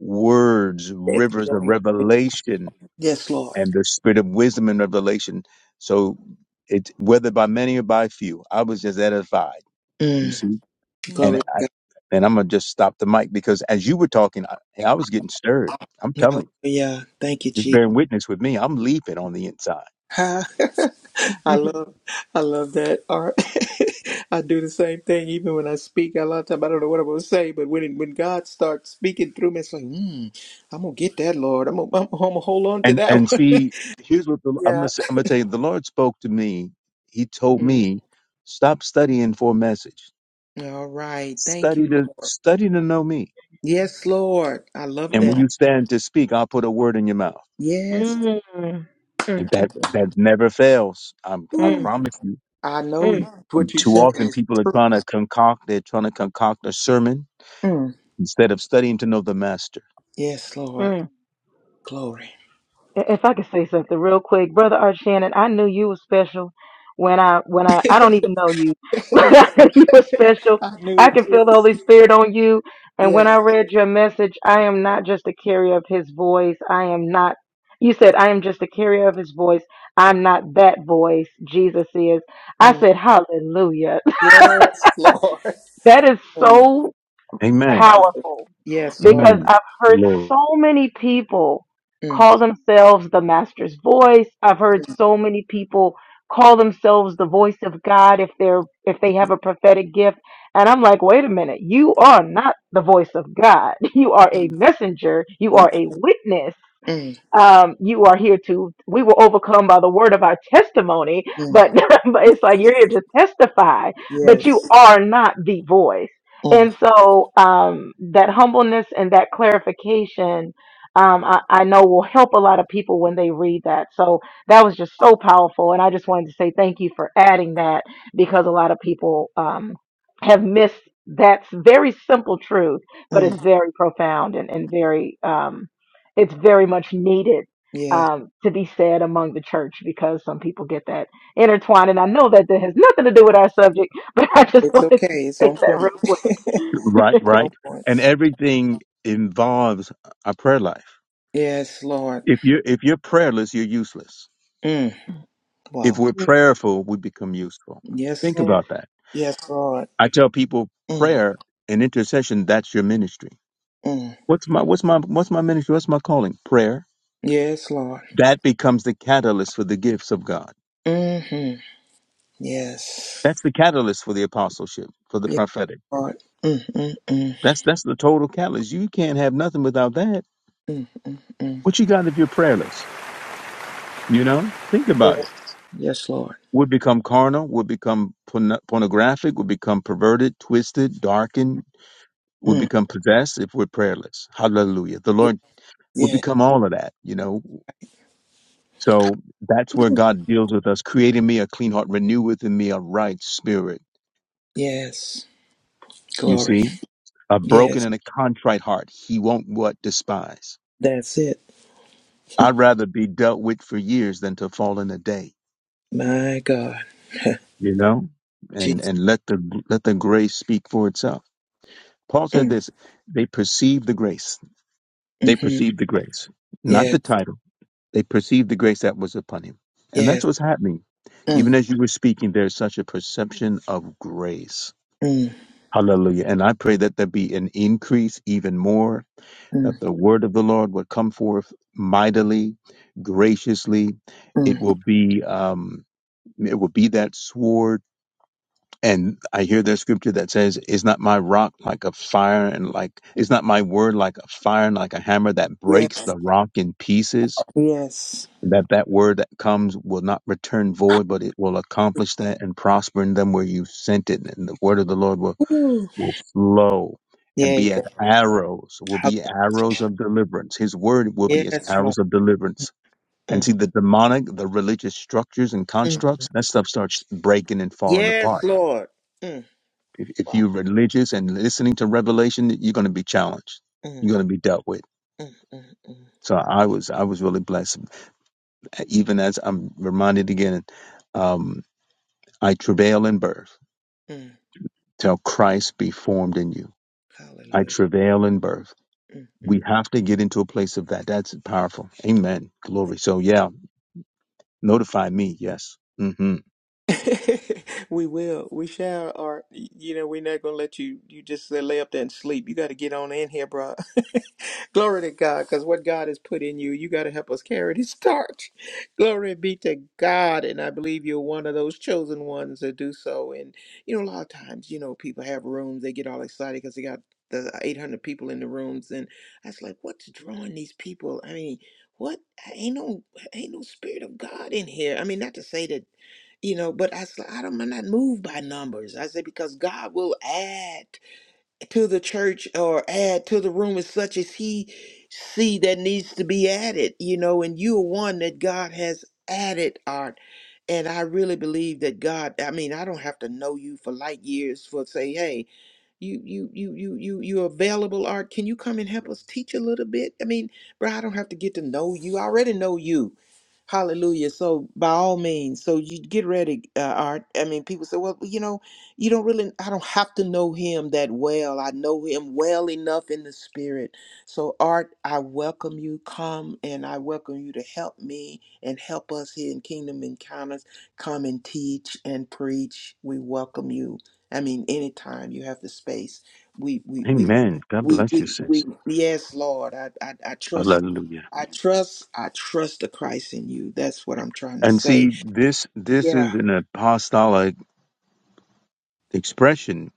F: words, rivers of revelation
C: Yes, Lord.
F: and the spirit of wisdom and revelation. So it whether by many or by few, I was just edified. You
C: Mm.
F: see?
C: Glory
F: And
C: to
F: I
C: God.
F: and I'm gonna just stop the mic because as you were talking, I, I was getting stirred. I'm telling you.
C: Hallelujah. Thank you,
F: Just
C: Jesus.
F: bearing witness with me. I'm leaping on the inside.
C: Ha. I love I love that art. I do the same thing even when I speak. A lot of time I don't know what I'm gonna say, but when when God starts speaking through me, it's like, hmm, I'm gonna get that, Lord. I'm gonna, I'm gonna hold on to
F: And
C: that
F: and
C: one.
F: see, here's what the, I'm
C: yeah.
F: gonna say- I'm gonna tell you. The Lord spoke to me. He told
C: Mm.
F: me, stop studying for a message.
C: All right. Thank
F: Study
C: you,
F: to
C: Lord.
F: study to know me.
C: Yes, Lord. I love
F: And when
C: that.
F: you
A: Mm,
F: stand to speak, I'll put a word in your mouth.
A: mm,
C: Yes.
A: mm, mm,
F: And
A: mm,
F: that that never fails. I'm, I
C: Ooh.
A: mm,
F: promise you.
C: I know you-
A: mm,
C: what
F: And
C: you're
F: too
C: saying
F: often
C: is
F: people are
C: true.
F: trying to concoct, they're trying to concoct a sermon
C: Mm.
F: instead of studying to know the master.
C: Yes,
A: mm.
C: Lord. Glory.
A: If I could say something real quick, brother Art Shannon, I knew you were special when I when I I don't even know you, but I knew you were special.
C: I knew
A: I
C: it
A: can
C: too.
A: feel the Holy Spirit on you. And when
C: Yeah.
A: I read your message, I am not just a carrier of His voice. I am not. You said I am just a carrier of His voice. I'm not that voice. Jesus is.
C: Mm.
A: I said hallelujah.
C: Yes, Lord.
A: That is
C: Mm.
A: so
F: Amen.
A: powerful
C: Yes, Lord.
A: because
F: Amen.
A: I've
F: The
A: heard
F: Lord.
A: so many people
C: Mm.
A: call themselves the master's voice. I've heard so many people call themselves the voice of God if they're if they have a prophetic gift. And I'm like, wait a minute, you are not the voice of God. You are a messenger. You
C: Yeah.
A: are a witness
C: Mm.
A: um, you are here to we will overcome by the word of our testimony
C: Mm.
A: but, but it's like you're here to testify but you
C: Yes.
A: are not the voice
C: Mm.
A: and so um, that humbleness and that clarification um, I, I know will help a lot of people when they read that so that was just so powerful and i just wanted to say thank you for adding that because a lot of people um, have missed that's very simple truth but it's
C: Mm.
A: very profound and, and very um, it's very much needed
C: Yes.
A: um, to be said among the church because some people get that intertwined. And I know that that has nothing to do with our subject, but I just
C: It's
A: wanted to
C: okay. It's
A: say
C: on
A: that real
C: point.
A: quick.
C: It's
F: Right,
C: on
F: right.
C: point.
F: And everything involves our prayer life.
C: Yes, Lord.
F: If you're if you're prayerless, you're useless.
C: Mm.
F: If
C: Wow.
F: we're prayerful, we become useful.
C: Yes,
F: Think
C: Lord.
A: Yes.
F: about that.
C: Yes, Lord.
F: I tell people
C: Mm.
F: prayer and intercession, that's your ministry.
C: Mm.
F: What's my what's my what's my ministry? What's my calling? Prayer.
C: Yes, Lord.
F: That becomes the catalyst for the gifts of God
C: Mm-hmm. Yes.
F: That's the catalyst for the apostleship, for the
C: Yes,
F: prophetic.
C: Lord. Mm, mm, mm,
F: That's that's the total catalyst. You can't have nothing without that.
C: mm, mm, mm.
F: What you got if you're prayerless? You know, think about it.
C: Yes. Yes, Lord.
F: Would become carnal. Would become porno- pornographic. Would become perverted, twisted, darkened. Would
C: Mm.
F: become possessed if we're prayerless. Hallelujah. The Lord would
C: Yeah.
F: become all of that. You know. So that's where God deals with us, creating me a clean heart, renew within me a right spirit.
C: Yes.
F: You
C: Glory.
F: see, a broken
C: Yes.
F: and a contrite heart, He won't what despise
C: That's it.
F: I'd rather be dealt with for years than to fall in a day,
C: My God.
F: you know, and
C: Jesus.
F: and let the let the grace speak for itself. Paul said
C: Mm,
F: this: they perceived the grace. They
C: mm-hmm.
F: perceived the grace, not
C: Yes.
F: the title. They perceived the grace that was upon him, and
C: Yes.
F: that's what's happening.
C: Mm,
F: Even as you were speaking, there's such a perception of grace.
C: mm,
F: Hallelujah! And I pray that there be an increase even more.
C: mm,
F: That the word of the Lord would come forth mightily, graciously. It
C: mm.
F: will be. Um, It will be that sword. And I hear that scripture that says, Is not my rock like a fire and like, is not my word like a fire and like a hammer that
C: Yeah.
F: breaks the rock in pieces?
C: Yes.
F: That that word that comes will not return void, but it will accomplish that and prosper in them where you sent it. And the word of the Lord will,
C: Ooh.
F: will flow and
C: Yeah. You
F: be
C: go.
F: as arrows, will
C: Hall-
F: be arrows of deliverance. His word will be as
C: Yes, Lord.
F: arrows of deliverance and
C: Mm,
F: see the demonic, the religious structures and
C: mm.
F: constructs, that stuff starts breaking and falling
C: Yes,
F: apart.
C: Lord. Mm.
F: If, if
C: Wow.
F: you're religious and listening to revelation, you're going to be challenged.
C: Mm,
F: You're going to be dealt with.
C: mm, mm, mm,
F: So I was, I was really blessed. Even as I'm reminded again, um, I travail in birth
C: mm.
F: till Christ be formed in you. I
C: Hallelujah.
F: travail in birth.
C: Mm,
F: We have to get into a place of that. That's powerful. Amen.
C: mm.
F: Glory. So yeah, notify me. Yes. hmm
C: we will. We shall. Or y- you know, we're not gonna let you. You just uh, lay up there and sleep. You got to get on in here, bro. Glory to God, because what God has put in you, you got to help us carry this torch. Glory be to God. And I believe you're one of those chosen ones that do so. And, you know, a lot of times, you know, people have rooms, they get all excited because they got the 800 people in the rooms. And I was like, what's drawing these people? I mean, what? Ain't no, ain't no spirit of God in here. I mean, not to say that, you know, but I said, I don't, I'm not moved by numbers. I said, because God will add to the church or add to the room as such as he see that needs to be added you know and you are one that god has added art and i really believe that god i mean i don't have to know you for light years for say hey you you you you you you available art can you come and help us teach a little bit i mean bro i don't have to get to know you i already know you hallelujah so by all means so you get ready uh, art i mean people say well you know you don't really i don't have to know him that well i know him well enough in the spirit so art i welcome you come and i welcome you to help me and help us here in kingdom encounters come and teach and preach we welcome you I mean, anytime you have the space, we we we
F: Amen. God
C: we
F: bless
C: we,
F: you,
C: we
F: sis.
C: yes, Lord, I, I I trust,
F: Hallelujah.
C: I trust, I trust the Christ in you. That's what I'm trying to
F: And
C: say.
F: see, this this is
C: Yeah.
F: an apostolic expression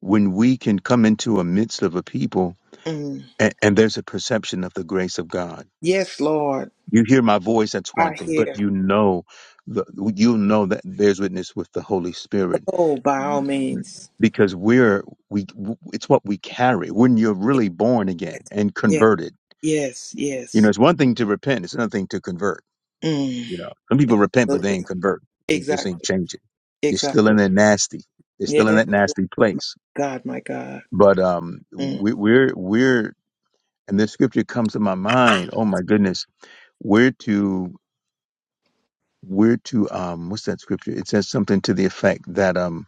F: when we can come into a midst of a people
C: Mm.
F: and, and there's a perception of the grace of God.
C: Yes, Lord,
F: You hear my voice, that's one
C: I
F: thing, but
C: hear.
F: you know the, you know that there's witness with the Holy Spirit
C: Oh, by all means.
F: because we're we it's what we carry when you're really born
C: Yes,
F: again and
C: yes,
F: converted.
C: yes,
F: You know,
C: yes.
F: it's one thing to repent, it's another thing to convert.
C: Mm.
F: You know, some people repent but they
C: Absolutely.
F: ain't convert. They just ain't
C: Exactly,
F: changing. You're still
C: exactly.
F: in that nasty. They're
C: Yes,
F: still in that nasty
C: my
F: place
C: God, my God.
F: But um,
C: Mm.
F: we, we're we're and this scripture comes to my mind. Oh my goodness, we're to we're to um, what's that scripture? It says something to the effect that um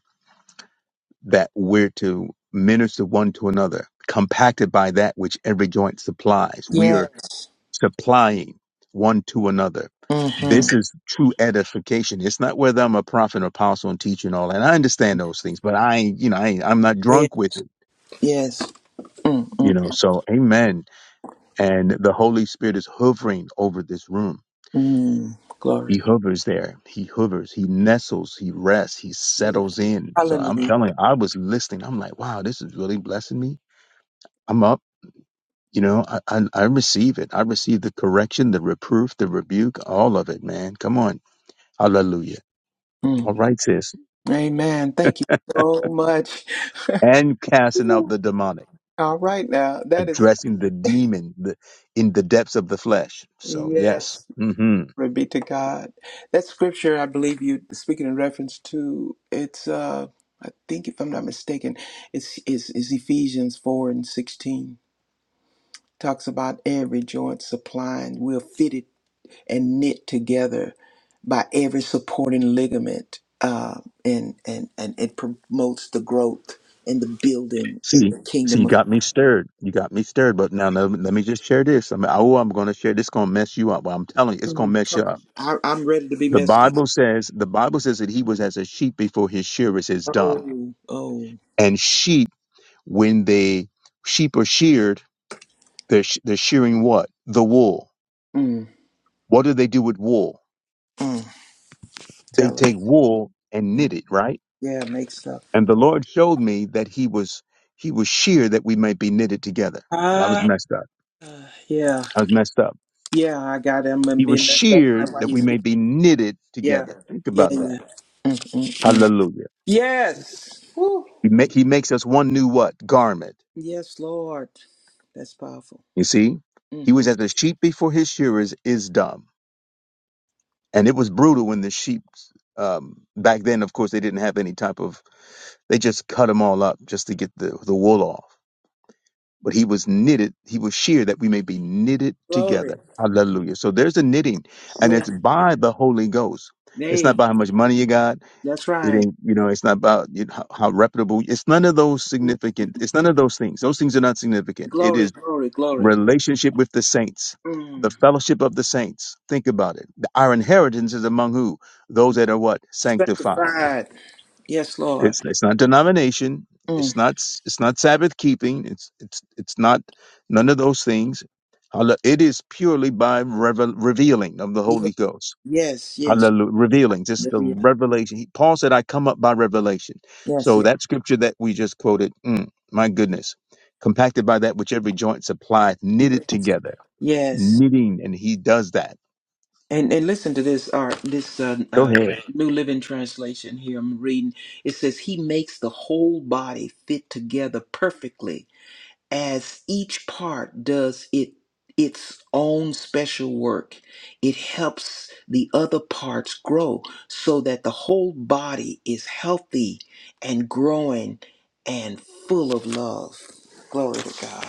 F: that we're to minister one to another, compacted by that which every joint supplies. We are
C: Yes.
F: supplying one to another. This
C: Mm-hmm.
F: is true edification. It's not whether I'm a prophet, apostle, and teacher and all. that. I understand those things, but I, you know, I, I'm not
C: Yeah.
F: drunk with it.
C: Yes. Mm, mm,
F: You know, so Amen And the Holy Spirit is hovering over this room.
C: Mm, glory.
F: He hovers there. He hovers. He nestles. He rests. He
C: Yeah.
F: settles in. So I'm
C: Hallelujah.
F: telling you, I was listening. I'm like, wow, this is really blessing me. I'm up. You know, I, I, I receive it. I receive the correction, the reproof, the rebuke, all of it, man. Come on. Hallelujah.
C: Mm,
F: All right, sis.
C: amen. Thank you so much.
F: And casting out the demonic,
C: All right, now that is
F: addressing the demon the, in the depths of the flesh. So, yes.
C: yes.
F: Mm-hmm.
C: Glory be to God. That scripture, I believe you speaking in reference to it's. uh I think if I'm not mistaken, it's is is Ephesians four and sixteen talks about every joint supplying. We're fitted and knit together by every supporting ligament, uh, and and and it promotes the growth and the building in
F: See,
C: the
F: see,
C: kingdom
F: you
C: of
F: got me
C: God.
F: stirred. You got me stirred. But now, no, let me just share this. I mean, oh, I'm going to share this. Going to mess you up. Well, I'm telling you, it's going
C: Mm,
F: to mess
C: come
F: you
C: on,
F: up.
C: I, I'm ready to be
F: The
C: messed up.
F: Bible says, the Bible says that he was as a sheep before his shearers is dumb.
C: Oh, oh,
F: And sheep, when they sheep are sheared, they're sh- they're shearing what? The wool.
C: mm,
F: What do they do with wool?
C: mm,
F: They
C: tell
F: take wool and
C: us.
F: knit it, right?
C: Yeah, make stuff.
F: And the Lord showed me that he was he was sheared that we might be knitted together. And I was
C: Ah,
F: messed up.
C: uh, yeah,
F: I was messed up.
C: yeah. I got him and
F: He was
C: being messed up by
F: sheared
C: why
F: that
C: you
F: we may
C: speak.
F: be knitted
C: Yeah,
F: together. Think
C: yeah,
F: about
C: yeah.
F: that.
C: Mm, mm, mm.
F: Hallelujah.
C: Yes. Woo.
F: He, ma- he makes us one new what? Garment.
C: Yes, Lord. That's powerful.
F: You see? He was as a sheep before his shearers is dumb. And it was brutal when the sheep, um, back then, of course, they didn't have any type of, they just cut them all up just to get the, the wool off. But he was knitted, he was sheared that we may be knitted
C: Glory.
F: together. Hallelujah. So there's a knitting, and
C: Yeah.
F: it's by the Holy Ghost. It's not
C: Nay.
F: by how much money you got.
C: That's
F: It
C: right.
F: ain't, you know, it's not about you know, how, how reputable. It's none of those
C: Mm.
F: significant. It's none of those things. Those things are not significant. It
C: Glory,
F: is
C: glory, glory.
F: relationship with the saints, the
C: Mm.
F: fellowship of the saints. Think about it. Our inheritance is among who? Those that are what sanctified.
C: Sanctified. Yes, Lord.
F: It's it's not denomination.
C: Mm.
F: It's not s- it's not Sabbath keeping. It's it's it's not none of those things. Hallel- It is purely by revel- revealing of the
C: Ye-
F: Holy Ghost.
C: Yes, yes.
F: Hallelujah. Revealing, just the
C: Hallelujah.
F: revelation. He, Paul said, I come up by revelation.
C: Yes,
F: So
C: yes.
F: that scripture that we just quoted, mm, my goodness, compacted by that which every joint supplies,
C: Yes.
F: knitted together,
C: Yes.
F: knitting, and he does that.
C: And and listen to this art this uh,
F: Go
C: uh
F: ahead.
C: New Living Translation here I'm reading. It says he makes the whole body fit together perfectly as each part does it its own special work it helps the other parts grow so that the whole body is healthy and growing and full of love glory to god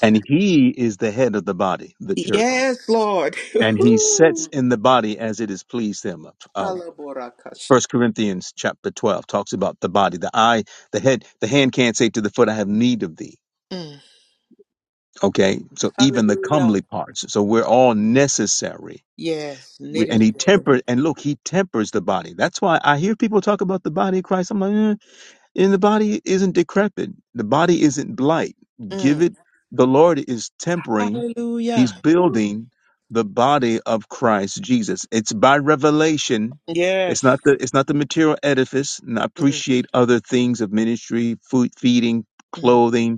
F: And he is the head of the body, the church.
C: yes lord
F: And he sets
C: Woo.
F: in the body as it has pleased him. Um,
C: Alaborakash.
F: 1 Corinthians chapter 12 talks about the body, the eye, the head, the hand can't say to the foot, I have need of thee.
C: Mm.
F: Okay, so even the
C: hallelujah
F: comely parts. So we're all necessary
C: yes
F: We-
C: knit it
F: and he
C: together
F: tempered and look he tempers the body that's why i hear people talk about the body of christ i'm like eh, and the body isn't decrepit the body isn't blight give
C: Mm.
F: it the lord is tempering he's
C: hallelujah
F: building the body of christ jesus it's by revelation it's
C: yes
F: not the it's not the material edifice and i
C: Mm,
F: appreciate other things of ministry food feeding
C: mm,
F: clothing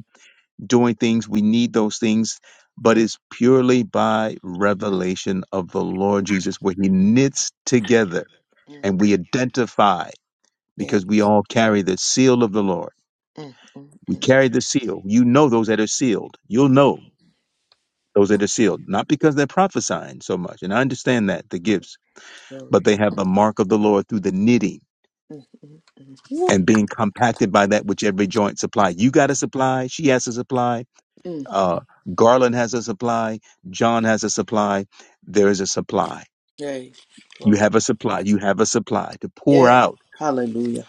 F: doing things. We need those things, but
C: mm,
F: it's purely by revelation of the Lord Jesus, where He knits together
C: mm.
F: and we identify
C: yeah.
F: because we all carry the seal of the Lord.
C: Mm, mm,
F: We
C: mm.
F: carry the seal. You know those that are sealed. You'll know those that are sealed, not because they're prophesying so much. And I understand that, the gifts, but
C: Glory.
F: they have the mark of the Lord through the knitting
C: Mm, mm, mm. Woo.
F: and being compacted by that which every joint supply. You got to supply, she has to supply
C: Mm.
F: Uh, Garland has a supply. John has a supply. There is a supply.
C: Yay.
F: You
C: Glory.
F: have a supply. You have a supply to pour
C: Yeah.
F: out.
C: Hallelujah.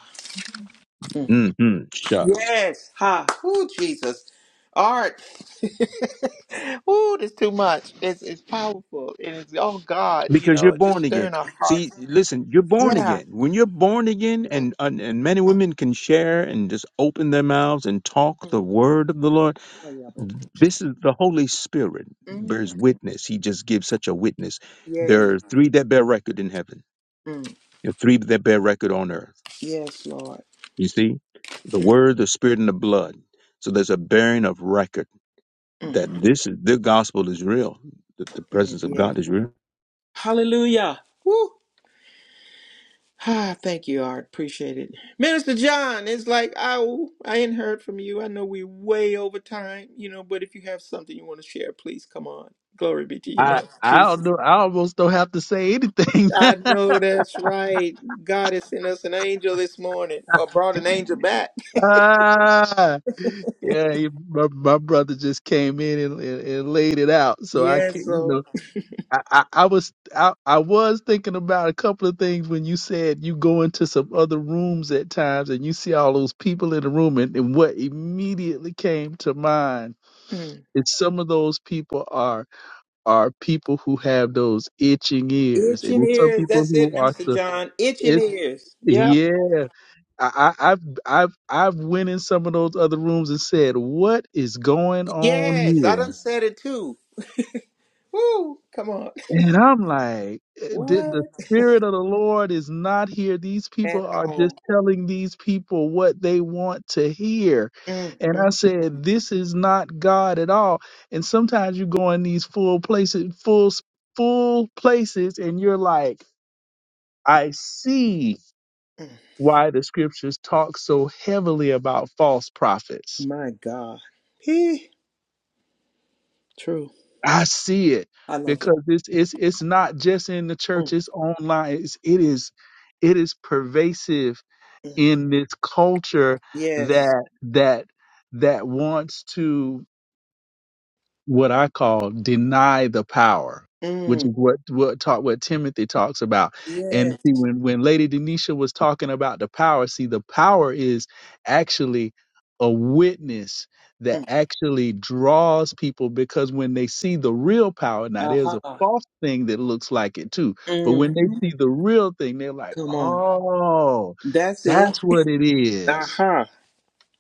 C: Mm.
F: hmm Shucks.
C: Yes. Ha. Ooh, Jesus. All right. Ooh, this too much. It's it's powerful. And it's oh God, you
F: Because you're
C: know, it just
F: born again.
C: stirring our
F: See,
C: hearts.
F: listen, you're born
C: Yeah.
F: again. When you're born again,
C: Mm,
F: and, and and men and
C: mm,
F: women can share and just open their mouths and talk
C: mm.
F: the word of the Lord.
C: Hallelujah.
F: This is the Holy Spirit
C: mm,
F: bears witness. He just gives such a witness. There
C: Yay.
F: are three that bear record in heaven.
C: mm,
F: There are three that bear record on earth
C: Yes, Lord.
F: You see, the
C: mm,
F: word, the spirit, and the blood. So there's a bearing of record
C: mm,
F: that this is the gospel is real, that the
C: mm.
F: presence of
C: Yes.
F: God is real.
C: Hallelujah. Woo. Ah, thank you, Art. Appreciate it. Minister John, it's like, ow, I ain't heard from you. I know we way over time, you know, but if you have something you want to share, please come on. Glory be to your name,
D: I I don't
C: Jesus.
D: know. I almost don't have to say anything.
C: I know that's right. God has sent us an angel this morning or brought an angel back.
D: ah, yeah, you- my, my brother just came in and, and, and laid it out, so I
C: Yeah,
D: can't. You
C: so
D: know, I, I, I was I, I was thinking about a couple of things when you said you go into some other rooms at times and you see all those people in the room, and, and what immediately came to mind
C: mm.
D: is some of those people are. are people who have those itching ears, and
C: itching
D: it's some
C: ears.
D: people
C: That's it,
D: who are
C: Minister
D: the
C: John. Itching
D: it's
C: ears. Yep.
D: yeah. I, I, I've I've I've went in some of those other rooms and said, "What is going on
C: Yes, I
D: here?"
C: done said it too. Woo, come on.
D: And I'm like, eh, "The, the
C: What?
D: spirit of the Lord is not here. These
C: At
D: people are just
C: all.
D: telling these people what they want to hear."
C: Mm,
D: And
C: mm,
D: I said, "This is not God at all." And sometimes you go in these full places, full full places, and you're like I see
C: mm.
D: why the scriptures talk so heavily about false prophets.
C: My God. He true.
D: I see it
C: I love it.
D: because it's it's it's not just in the church,
C: Mm,
D: it's online. It's, it is it is pervasive
C: mm.
D: in this culture
C: Yes.
D: that that that wants to what I call deny the power, which
C: Mm,
D: is what what talk what Timothy talks about. And
C: yes.
D: see, when when Lady Denisha was talking about the power, see, the power is actually a witness that
C: Mm.
D: actually draws people because when they see the real power, now there's
C: Aha.
D: a false thing that looks like it too, but when they
C: Mm.
D: see the real thing, they're like,
C: Come on.
D: oh,
C: That's it.
D: that's what it is
C: Aha.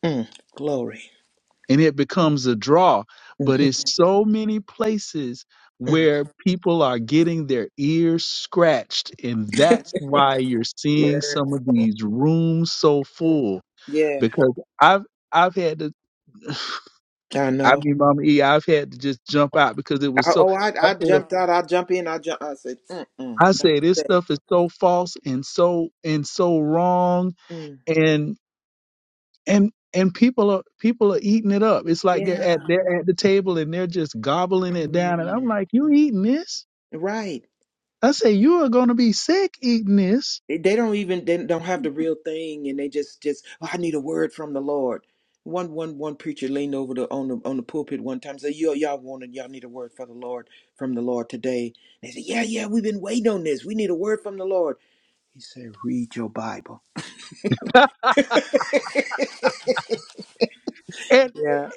C: Mm. Glory.
D: and it becomes a draw. But
C: Mhm.
D: it's so many places
C: Mm.
D: where people are getting their ears scratched, and that's why you're seeing
C: yeah.
D: some of these rooms so
C: Mm.
D: full.
C: Yeah.
D: Because I've I've had to,
C: I
D: I
C: know.
D: mean, Mama E, I've had to just jump out because it was
C: I,
D: so.
C: oh,
D: I
C: I I
D: said,
C: jumped out. I jump in. I jump. I said, mm mm.
D: I
C: Not
D: say this
C: today.
D: stuff is so false and so and so wrong,
C: Mm.
D: and and people are people are eating it up. It's like they're at
C: Yeah.
D: they're at the table and they're just gobbling it down. And I'm
C: Mm.
D: like, you eating this?
C: Right.
D: I say you are going to be sick eating this.
C: They they don't even they don't have the real thing, and they just just oh, I need a word from the Lord. One one one preacher leaned over the on the on the pulpit one time and said, "Yo, y'all wanted y'all need a word for the Lord from the Lord today." They said, "Yeah, yeah, we've been waiting on this. We need a word from the Lord." He said, "Read your Bible."
D: And
C: Yeah.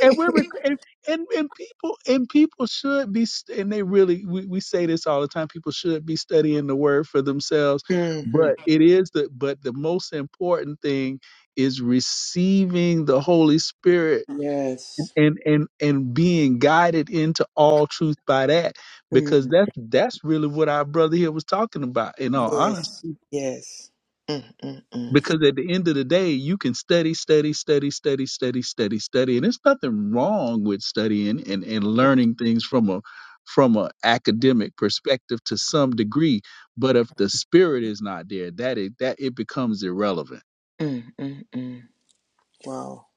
D: and we're rec- and, and and people and people should be st- and they really we, we say this all the time. People should be studying the word for themselves.
C: hmm
D: But it is the but the most important thing is receiving the Holy Spirit
C: Yes.
D: and and and being guided into all truth by that
C: Mm,
D: because that's that's really what our brother here was talking about in all
C: yes.
D: honesty
C: Yes. Mm, mm, mm.
D: because at the end of the day you can study study study study study study study and there's nothing wrong with studying and and learning things from a from a academic perspective to some degree but if the spirit is not there that it that it becomes irrelevant
C: Mm, mm, mm. Wow.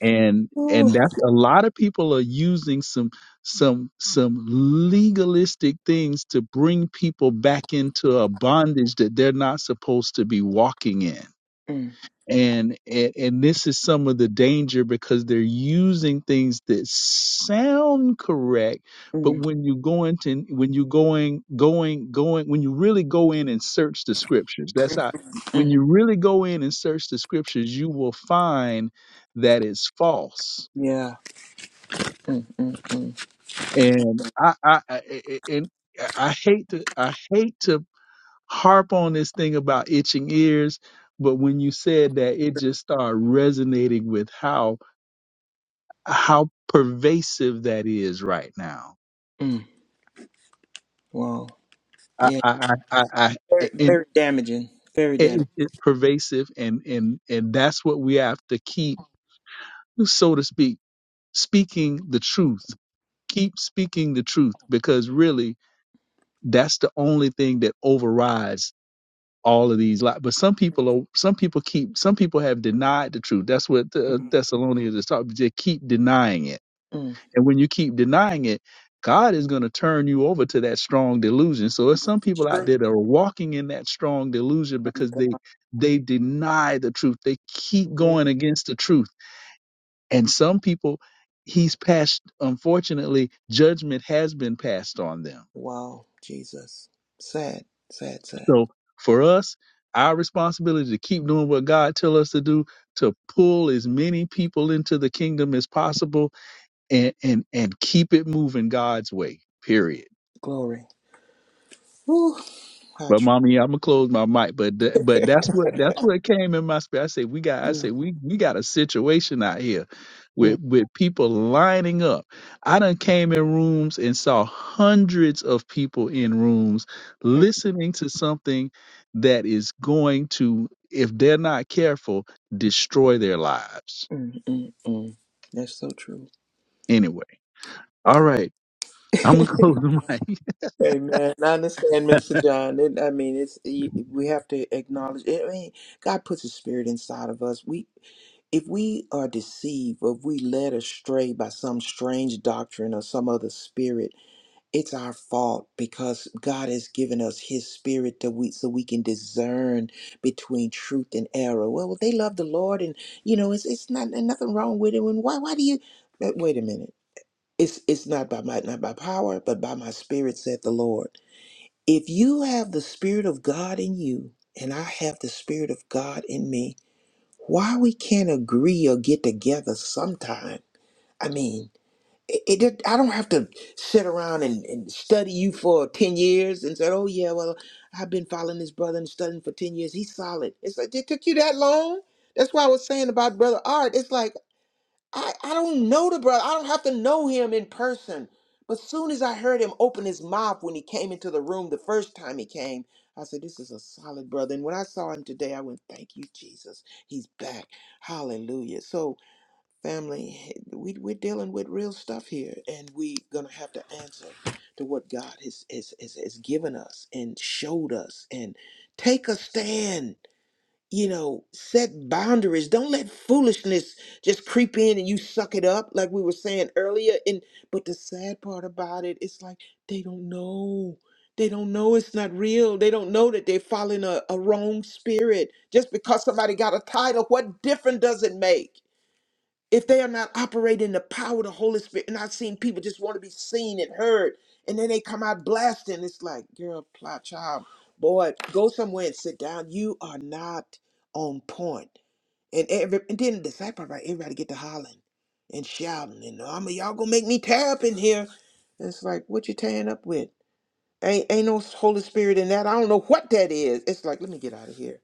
D: and
C: Ooh.
D: and that's a lot of people are using some some some legalistic things to bring people back into a bondage that they're not supposed to be walking in
C: Mm,
D: and and, and this is some of the danger because they're using things that sound correct but
C: mm,
D: when you go into when you going going going when you really go in and search the scriptures that's how when
C: mm.
D: you really go in and search the scriptures you will find that it's false
C: Yeah. Mm, mm, mm.
D: and i i, I I- and i hate to i hate to harp on this thing about itching ears but when you said that it just started resonating with how how pervasive that is right now.
C: Mm. Wow.
D: I,
C: Yeah.
D: I, I, I,
C: Very,
D: I- and,
C: very damaging. Very damaging.
D: and it's pervasive, and and and that's what we have to keep, so to speak, speaking the truth. Keep speaking the truth because really, that's the only thing that overrides all of these lies. But some people are, some people keep, some people have denied the truth. That's what the
C: Mm,
D: Thessalonians is talking. They keep denying it
C: mm.
D: And when you keep denying it, God is going to turn you over to that strong delusion. So there's some people out
C: Sure.
D: there that are walking in that strong delusion because they they deny the truth. They keep
C: Mm.
D: going against the truth. And some people he's passed unfortunately judgment has been passed on them.
C: Wow, Jesus. Sad, sad, sad.
D: So for us, our responsibility is to keep doing what God tells us to do, to pull as many people into the kingdom as possible and and and keep it moving God's way. Period.
C: Glory. Woo, how
D: But mommy, I'm gonna close my mic. But th- but
C: true.
D: that's what that's what came in my spirit. I say we got I
C: Mm,
D: say we we got a situation out here
C: mm,
D: with with people lining up. I done came in rooms and saw hundreds of people in rooms
C: mm,
D: listening to something that is going to, if they're not careful, destroy their lives.
C: mm, mm, mm. That's so true.
D: Anyway, all right, I'm gonna close the mic.
C: Amen. I understand, Mister John. It, I mean, it's y- we have to acknowledge. I mean, God puts His Spirit inside of us. We, if we are deceived, or if we led astray by some strange doctrine or some other spirit, it's our fault because God has given us His Spirit that we so we can discern between truth and error. Well, they love the Lord, and you know, it's it's not and nothing wrong with it. And why why do you? But wait a minute. It's it's not by my not by power, but by my Spirit, said the Lord. If you have the Spirit of God in you, and I have the Spirit of God in me, why we can't agree or get together sometime? I mean it, it did- I don't have to sit around and, and study you for 10 years and say, oh, yeah, well, I've been following this brother and studying for 10 years. He's solid. It's like, it took you that long? That's why I was saying about Brother Art. It's like, I, I don't know the brother. I don't have to know him in person. But soon as I heard him open his mouth when he came into the room the first time he came, I said, this is a solid brother. And when I saw him today, I went, thank you, Jesus. He's back. Hallelujah. So, Family, we, we're dealing with real stuff here, and we're going to have to answer to what God has, has, has, has given us and showed us and take a stand. You know, set boundaries. Don't let foolishness just creep in and you suck it up, like we were saying earlier. And but the sad part about it, it's like they don't know. They don't know it's not real. They don't know that they're following a, a wrong spirit. Just because somebody got a title, what difference does it make? if they are not operating in the power of the Holy Spirit, and I've seen people just want to be seen and heard, and then they come out blasting. It's like, girl, plot child, boy, go somewhere and sit down. You are not on point. And every and then the sad part about it, everybody get to hollering and shouting and I'm a, y'all gonna make me tear up in here. And it's like, what you tearing up with? Ain't, ain't no Holy Spirit in that. I don't know what that is. It's like, let me get out of here.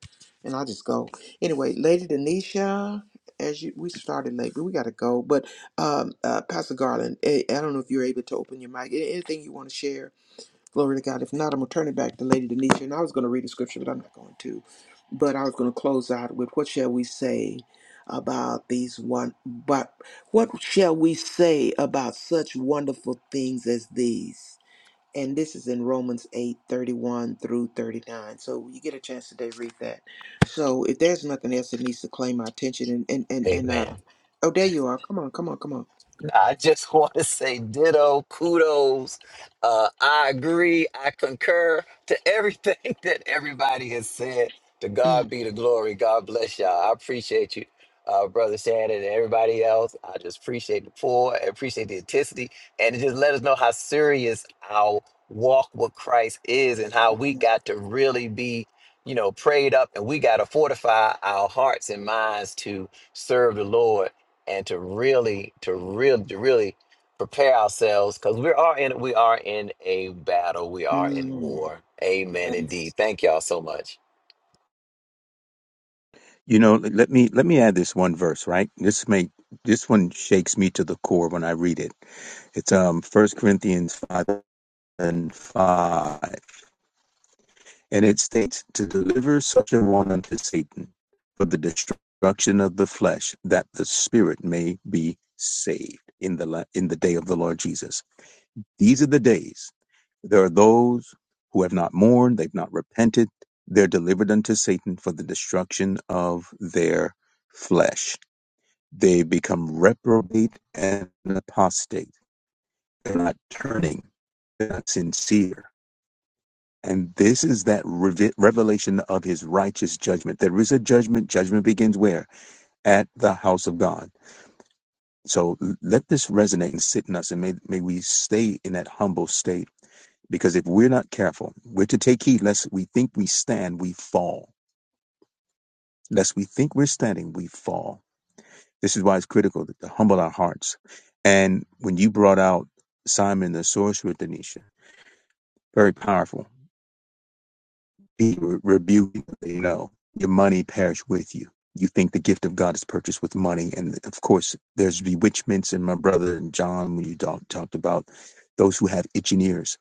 C: And I'll just go. Anyway, Lady Denisha, as you, we started late, but we got to go. But um, uh, Pastor Garland, I, I don't know if you're able to open your mic. A- Anything you want to share, glory to God. If not, I'm going to turn it back to Lady Denisha. And I was going to read the scripture, but I'm not going to. But I was going to close out with what shall we say about these one, but what shall we say about such wonderful things as these? and this is in Romans 8 31 through 39. So when you get a chance today, read that. So if there's nothing else that needs to claim my attention, and and and, and uh,
E: Amen.
C: oh, there you are. Come on, come on, come on.
E: I just want to say ditto, kudos. Uh, I agree. I concur to everything that everybody has said. To God be the glory. God bless y'all. I appreciate you, uh, Brother Shannon, and everybody else. I just appreciate the pour. I appreciate the intensity. And it just let us know how serious our walk with Christ is and how we
C: Mm,
E: got to really be, you know, prayed up and we got to fortify our hearts and minds to serve the Lord and to really to really to really prepare ourselves because we are in we are in a battle we are in
C: mm.
E: war amen
C: Yes.
E: indeed thank y'all so much
F: You know, let let me let me add this one verse, right? This may this one shakes me to the core when I read it. It's um First Corinthians five and five, and it states to deliver such a one unto Satan for the destruction of the flesh, that the spirit may be saved in the la- in the day of the Lord Jesus. These are the days. There are those who have not mourned, they've not repented. They're delivered unto Satan for the destruction of their flesh. They become reprobate and apostate. They're not turning, they're not sincere. And this is that reve- revelation of his righteous judgment. There is a judgment. Judgment begins where? At the house of God. So let this resonate and sit in us, and may, may we stay in that humble state Because if we're not careful, we're to take heed lest we think we stand, we fall. Lest we think we're standing, we fall. This is why it's critical to to humble our hearts. And when you brought out Simon the sorcerer, Denisha, very powerful. He re- rebuked, you know, your money perish with you. You think the gift of God is purchased with money. And of course, there's bewitchments. And my brother and John, when you talk, talked about those who have itching ears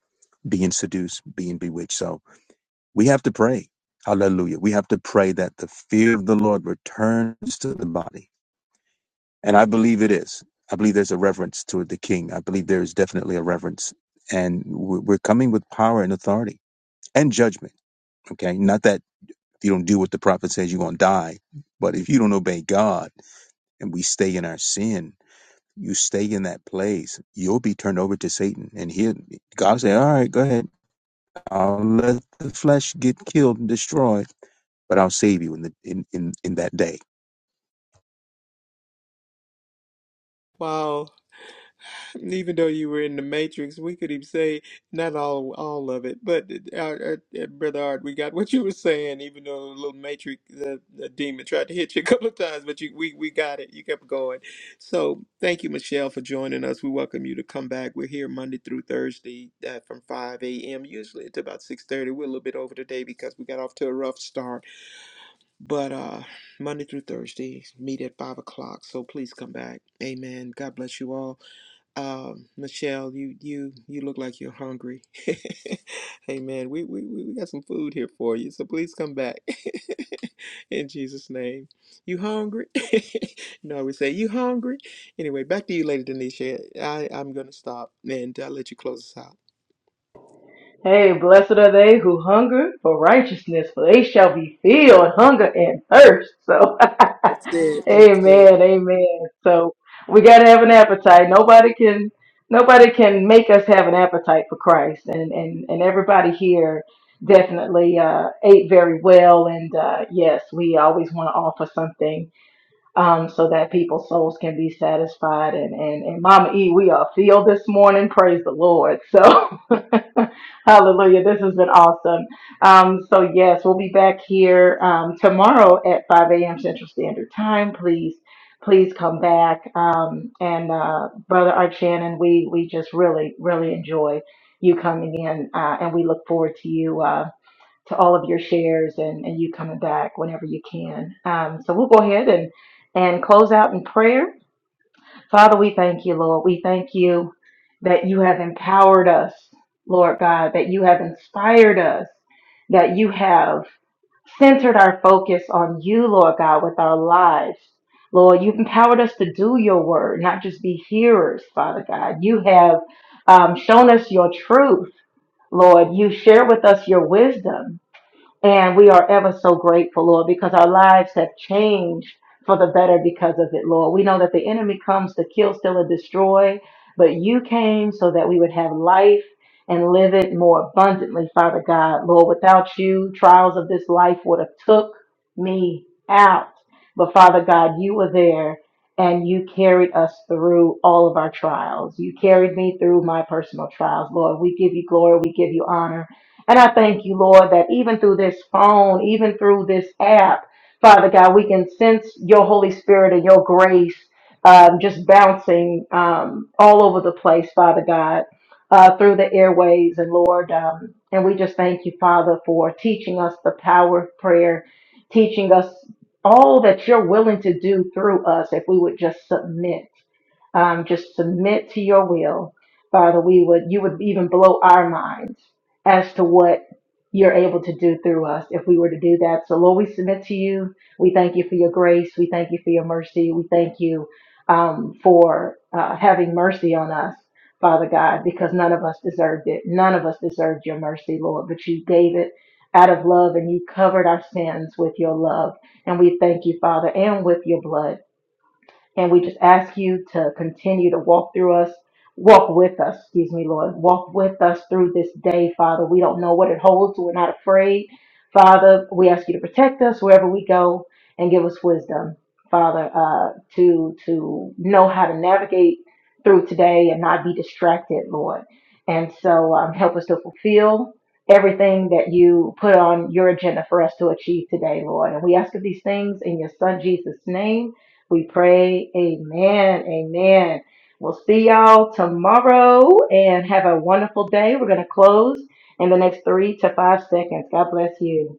F: being seduced, being bewitched. So We have to pray. Hallelujah. We have to pray that the fear of the Lord returns to the body. And I believe it is. I believe there's a reverence toward the king. I believe there is definitely a reverence. And we- we're coming with power and authority and judgment. Okay. Not that if you don't do what the prophet says, you're going to die. But if you don't obey God and we stay in our sin, you stay in that place, you'll be turned over to Satan. And he'll, God will say, All right, go ahead. I'll let the flesh get killed and destroyed but I'll save you in the in in, in that day.
C: Wow. Even though you were in the Matrix, we could even say not all all of it, but uh, uh, uh, brother Art, we got what you were saying. Even though a little Matrix, the, the demon tried to hit you a couple of times, but you we we got it. You kept going. So thank you, Michelle, for joining us. We welcome you to come back. We're here Monday through Thursday uh, from 5 a.m. usually to about 6:30. We're a little bit over today because we got off to a rough start, but uh, Monday through Thursday meet at five o'clock. So please come back. Amen. God bless you all. Um, Michelle, you you you look like you're hungry. hey man, we, we we got some food here for you, so please come back in Jesus' name. You hungry? no, we say you hungry. Anyway, back to you, Lady Denisha. I I'm gonna stop and I'll let you close us out.
A: Hey, blessed are they who hunger for righteousness, for they shall be filled, hunger and thirst. So,
C: That's it. That's it.
A: amen, amen. So, we got to have an appetite. Nobody can, nobody can make us have an appetite for Christ. And, and, and everybody here definitely uh, ate very well. And uh, yes, we always want to offer something um, so that people's souls can be satisfied. And, and, and Mama E, we are filled this morning. Praise the Lord. So, hallelujah. This has been awesome. Um, so, yes, we'll be back here um, tomorrow at 5 a.m. Central Standard Time. Please, please come back. Um, and uh, Brother Art Shannon, we, we just really, really enjoy you coming in uh, and we look forward to you. Uh, to all of your shares and, and you coming back whenever you can. Um, so we'll go ahead and, and close out in prayer. Father, we thank you, Lord. We thank you that you have empowered us, Lord God, that you have inspired us, that you have centered our focus on you, Lord God, with our lives. Lord, you've empowered us to do your word, not just be hearers, Father God. You have um, shown us your truth, Lord. You share with us your wisdom. And we are ever so grateful, Lord, because our lives have changed for the better because of it, Lord. We know that the enemy comes to kill, steal, and destroy, but you came so that we would have life and live it more abundantly, Father God. Lord, without you, trials of this life would have took me out. But Father God, you were there and you carried us through all of our trials. You carried me through my personal trials, Lord. We give you glory. We give you honor. And I thank you, Lord, that even through this phone, even through this app, Father God, we can sense your Holy Spirit and your grace um, just bouncing um, all over the place, Father God, uh, through the airways. And Lord, um, and we just thank you, Father, for teaching us the power of prayer, teaching us all that you're willing to do through us if we would just submit um, just submit to your will father we would you would even blow our minds as to what you're able to do through us if we were to do that. So, Lord, we submit to you. We thank you for your grace. We thank you for your mercy. We thank you um, for uh, having mercy on us, Father God, because none of us deserved it. None of us deserved your mercy, Lord, but you gave it out of love and you covered our sins with your love. And we thank you, Father, and with your blood. And we just ask you to continue to walk through us, walk with us, excuse me, Lord. Walk with us through this day, Father. We don't know what it holds. We're not afraid. Father, we ask you to protect us wherever we go and give us wisdom, Father, uh, to to know how to navigate through today and not be distracted, Lord. And so um, help us to fulfill everything that you put on your agenda for us to achieve today, Lord. And we ask of these things in your Son Jesus' name. We pray. Amen. Amen. We'll see y'all tomorrow and have a wonderful day. We're going to close in the next three to five seconds. God bless you.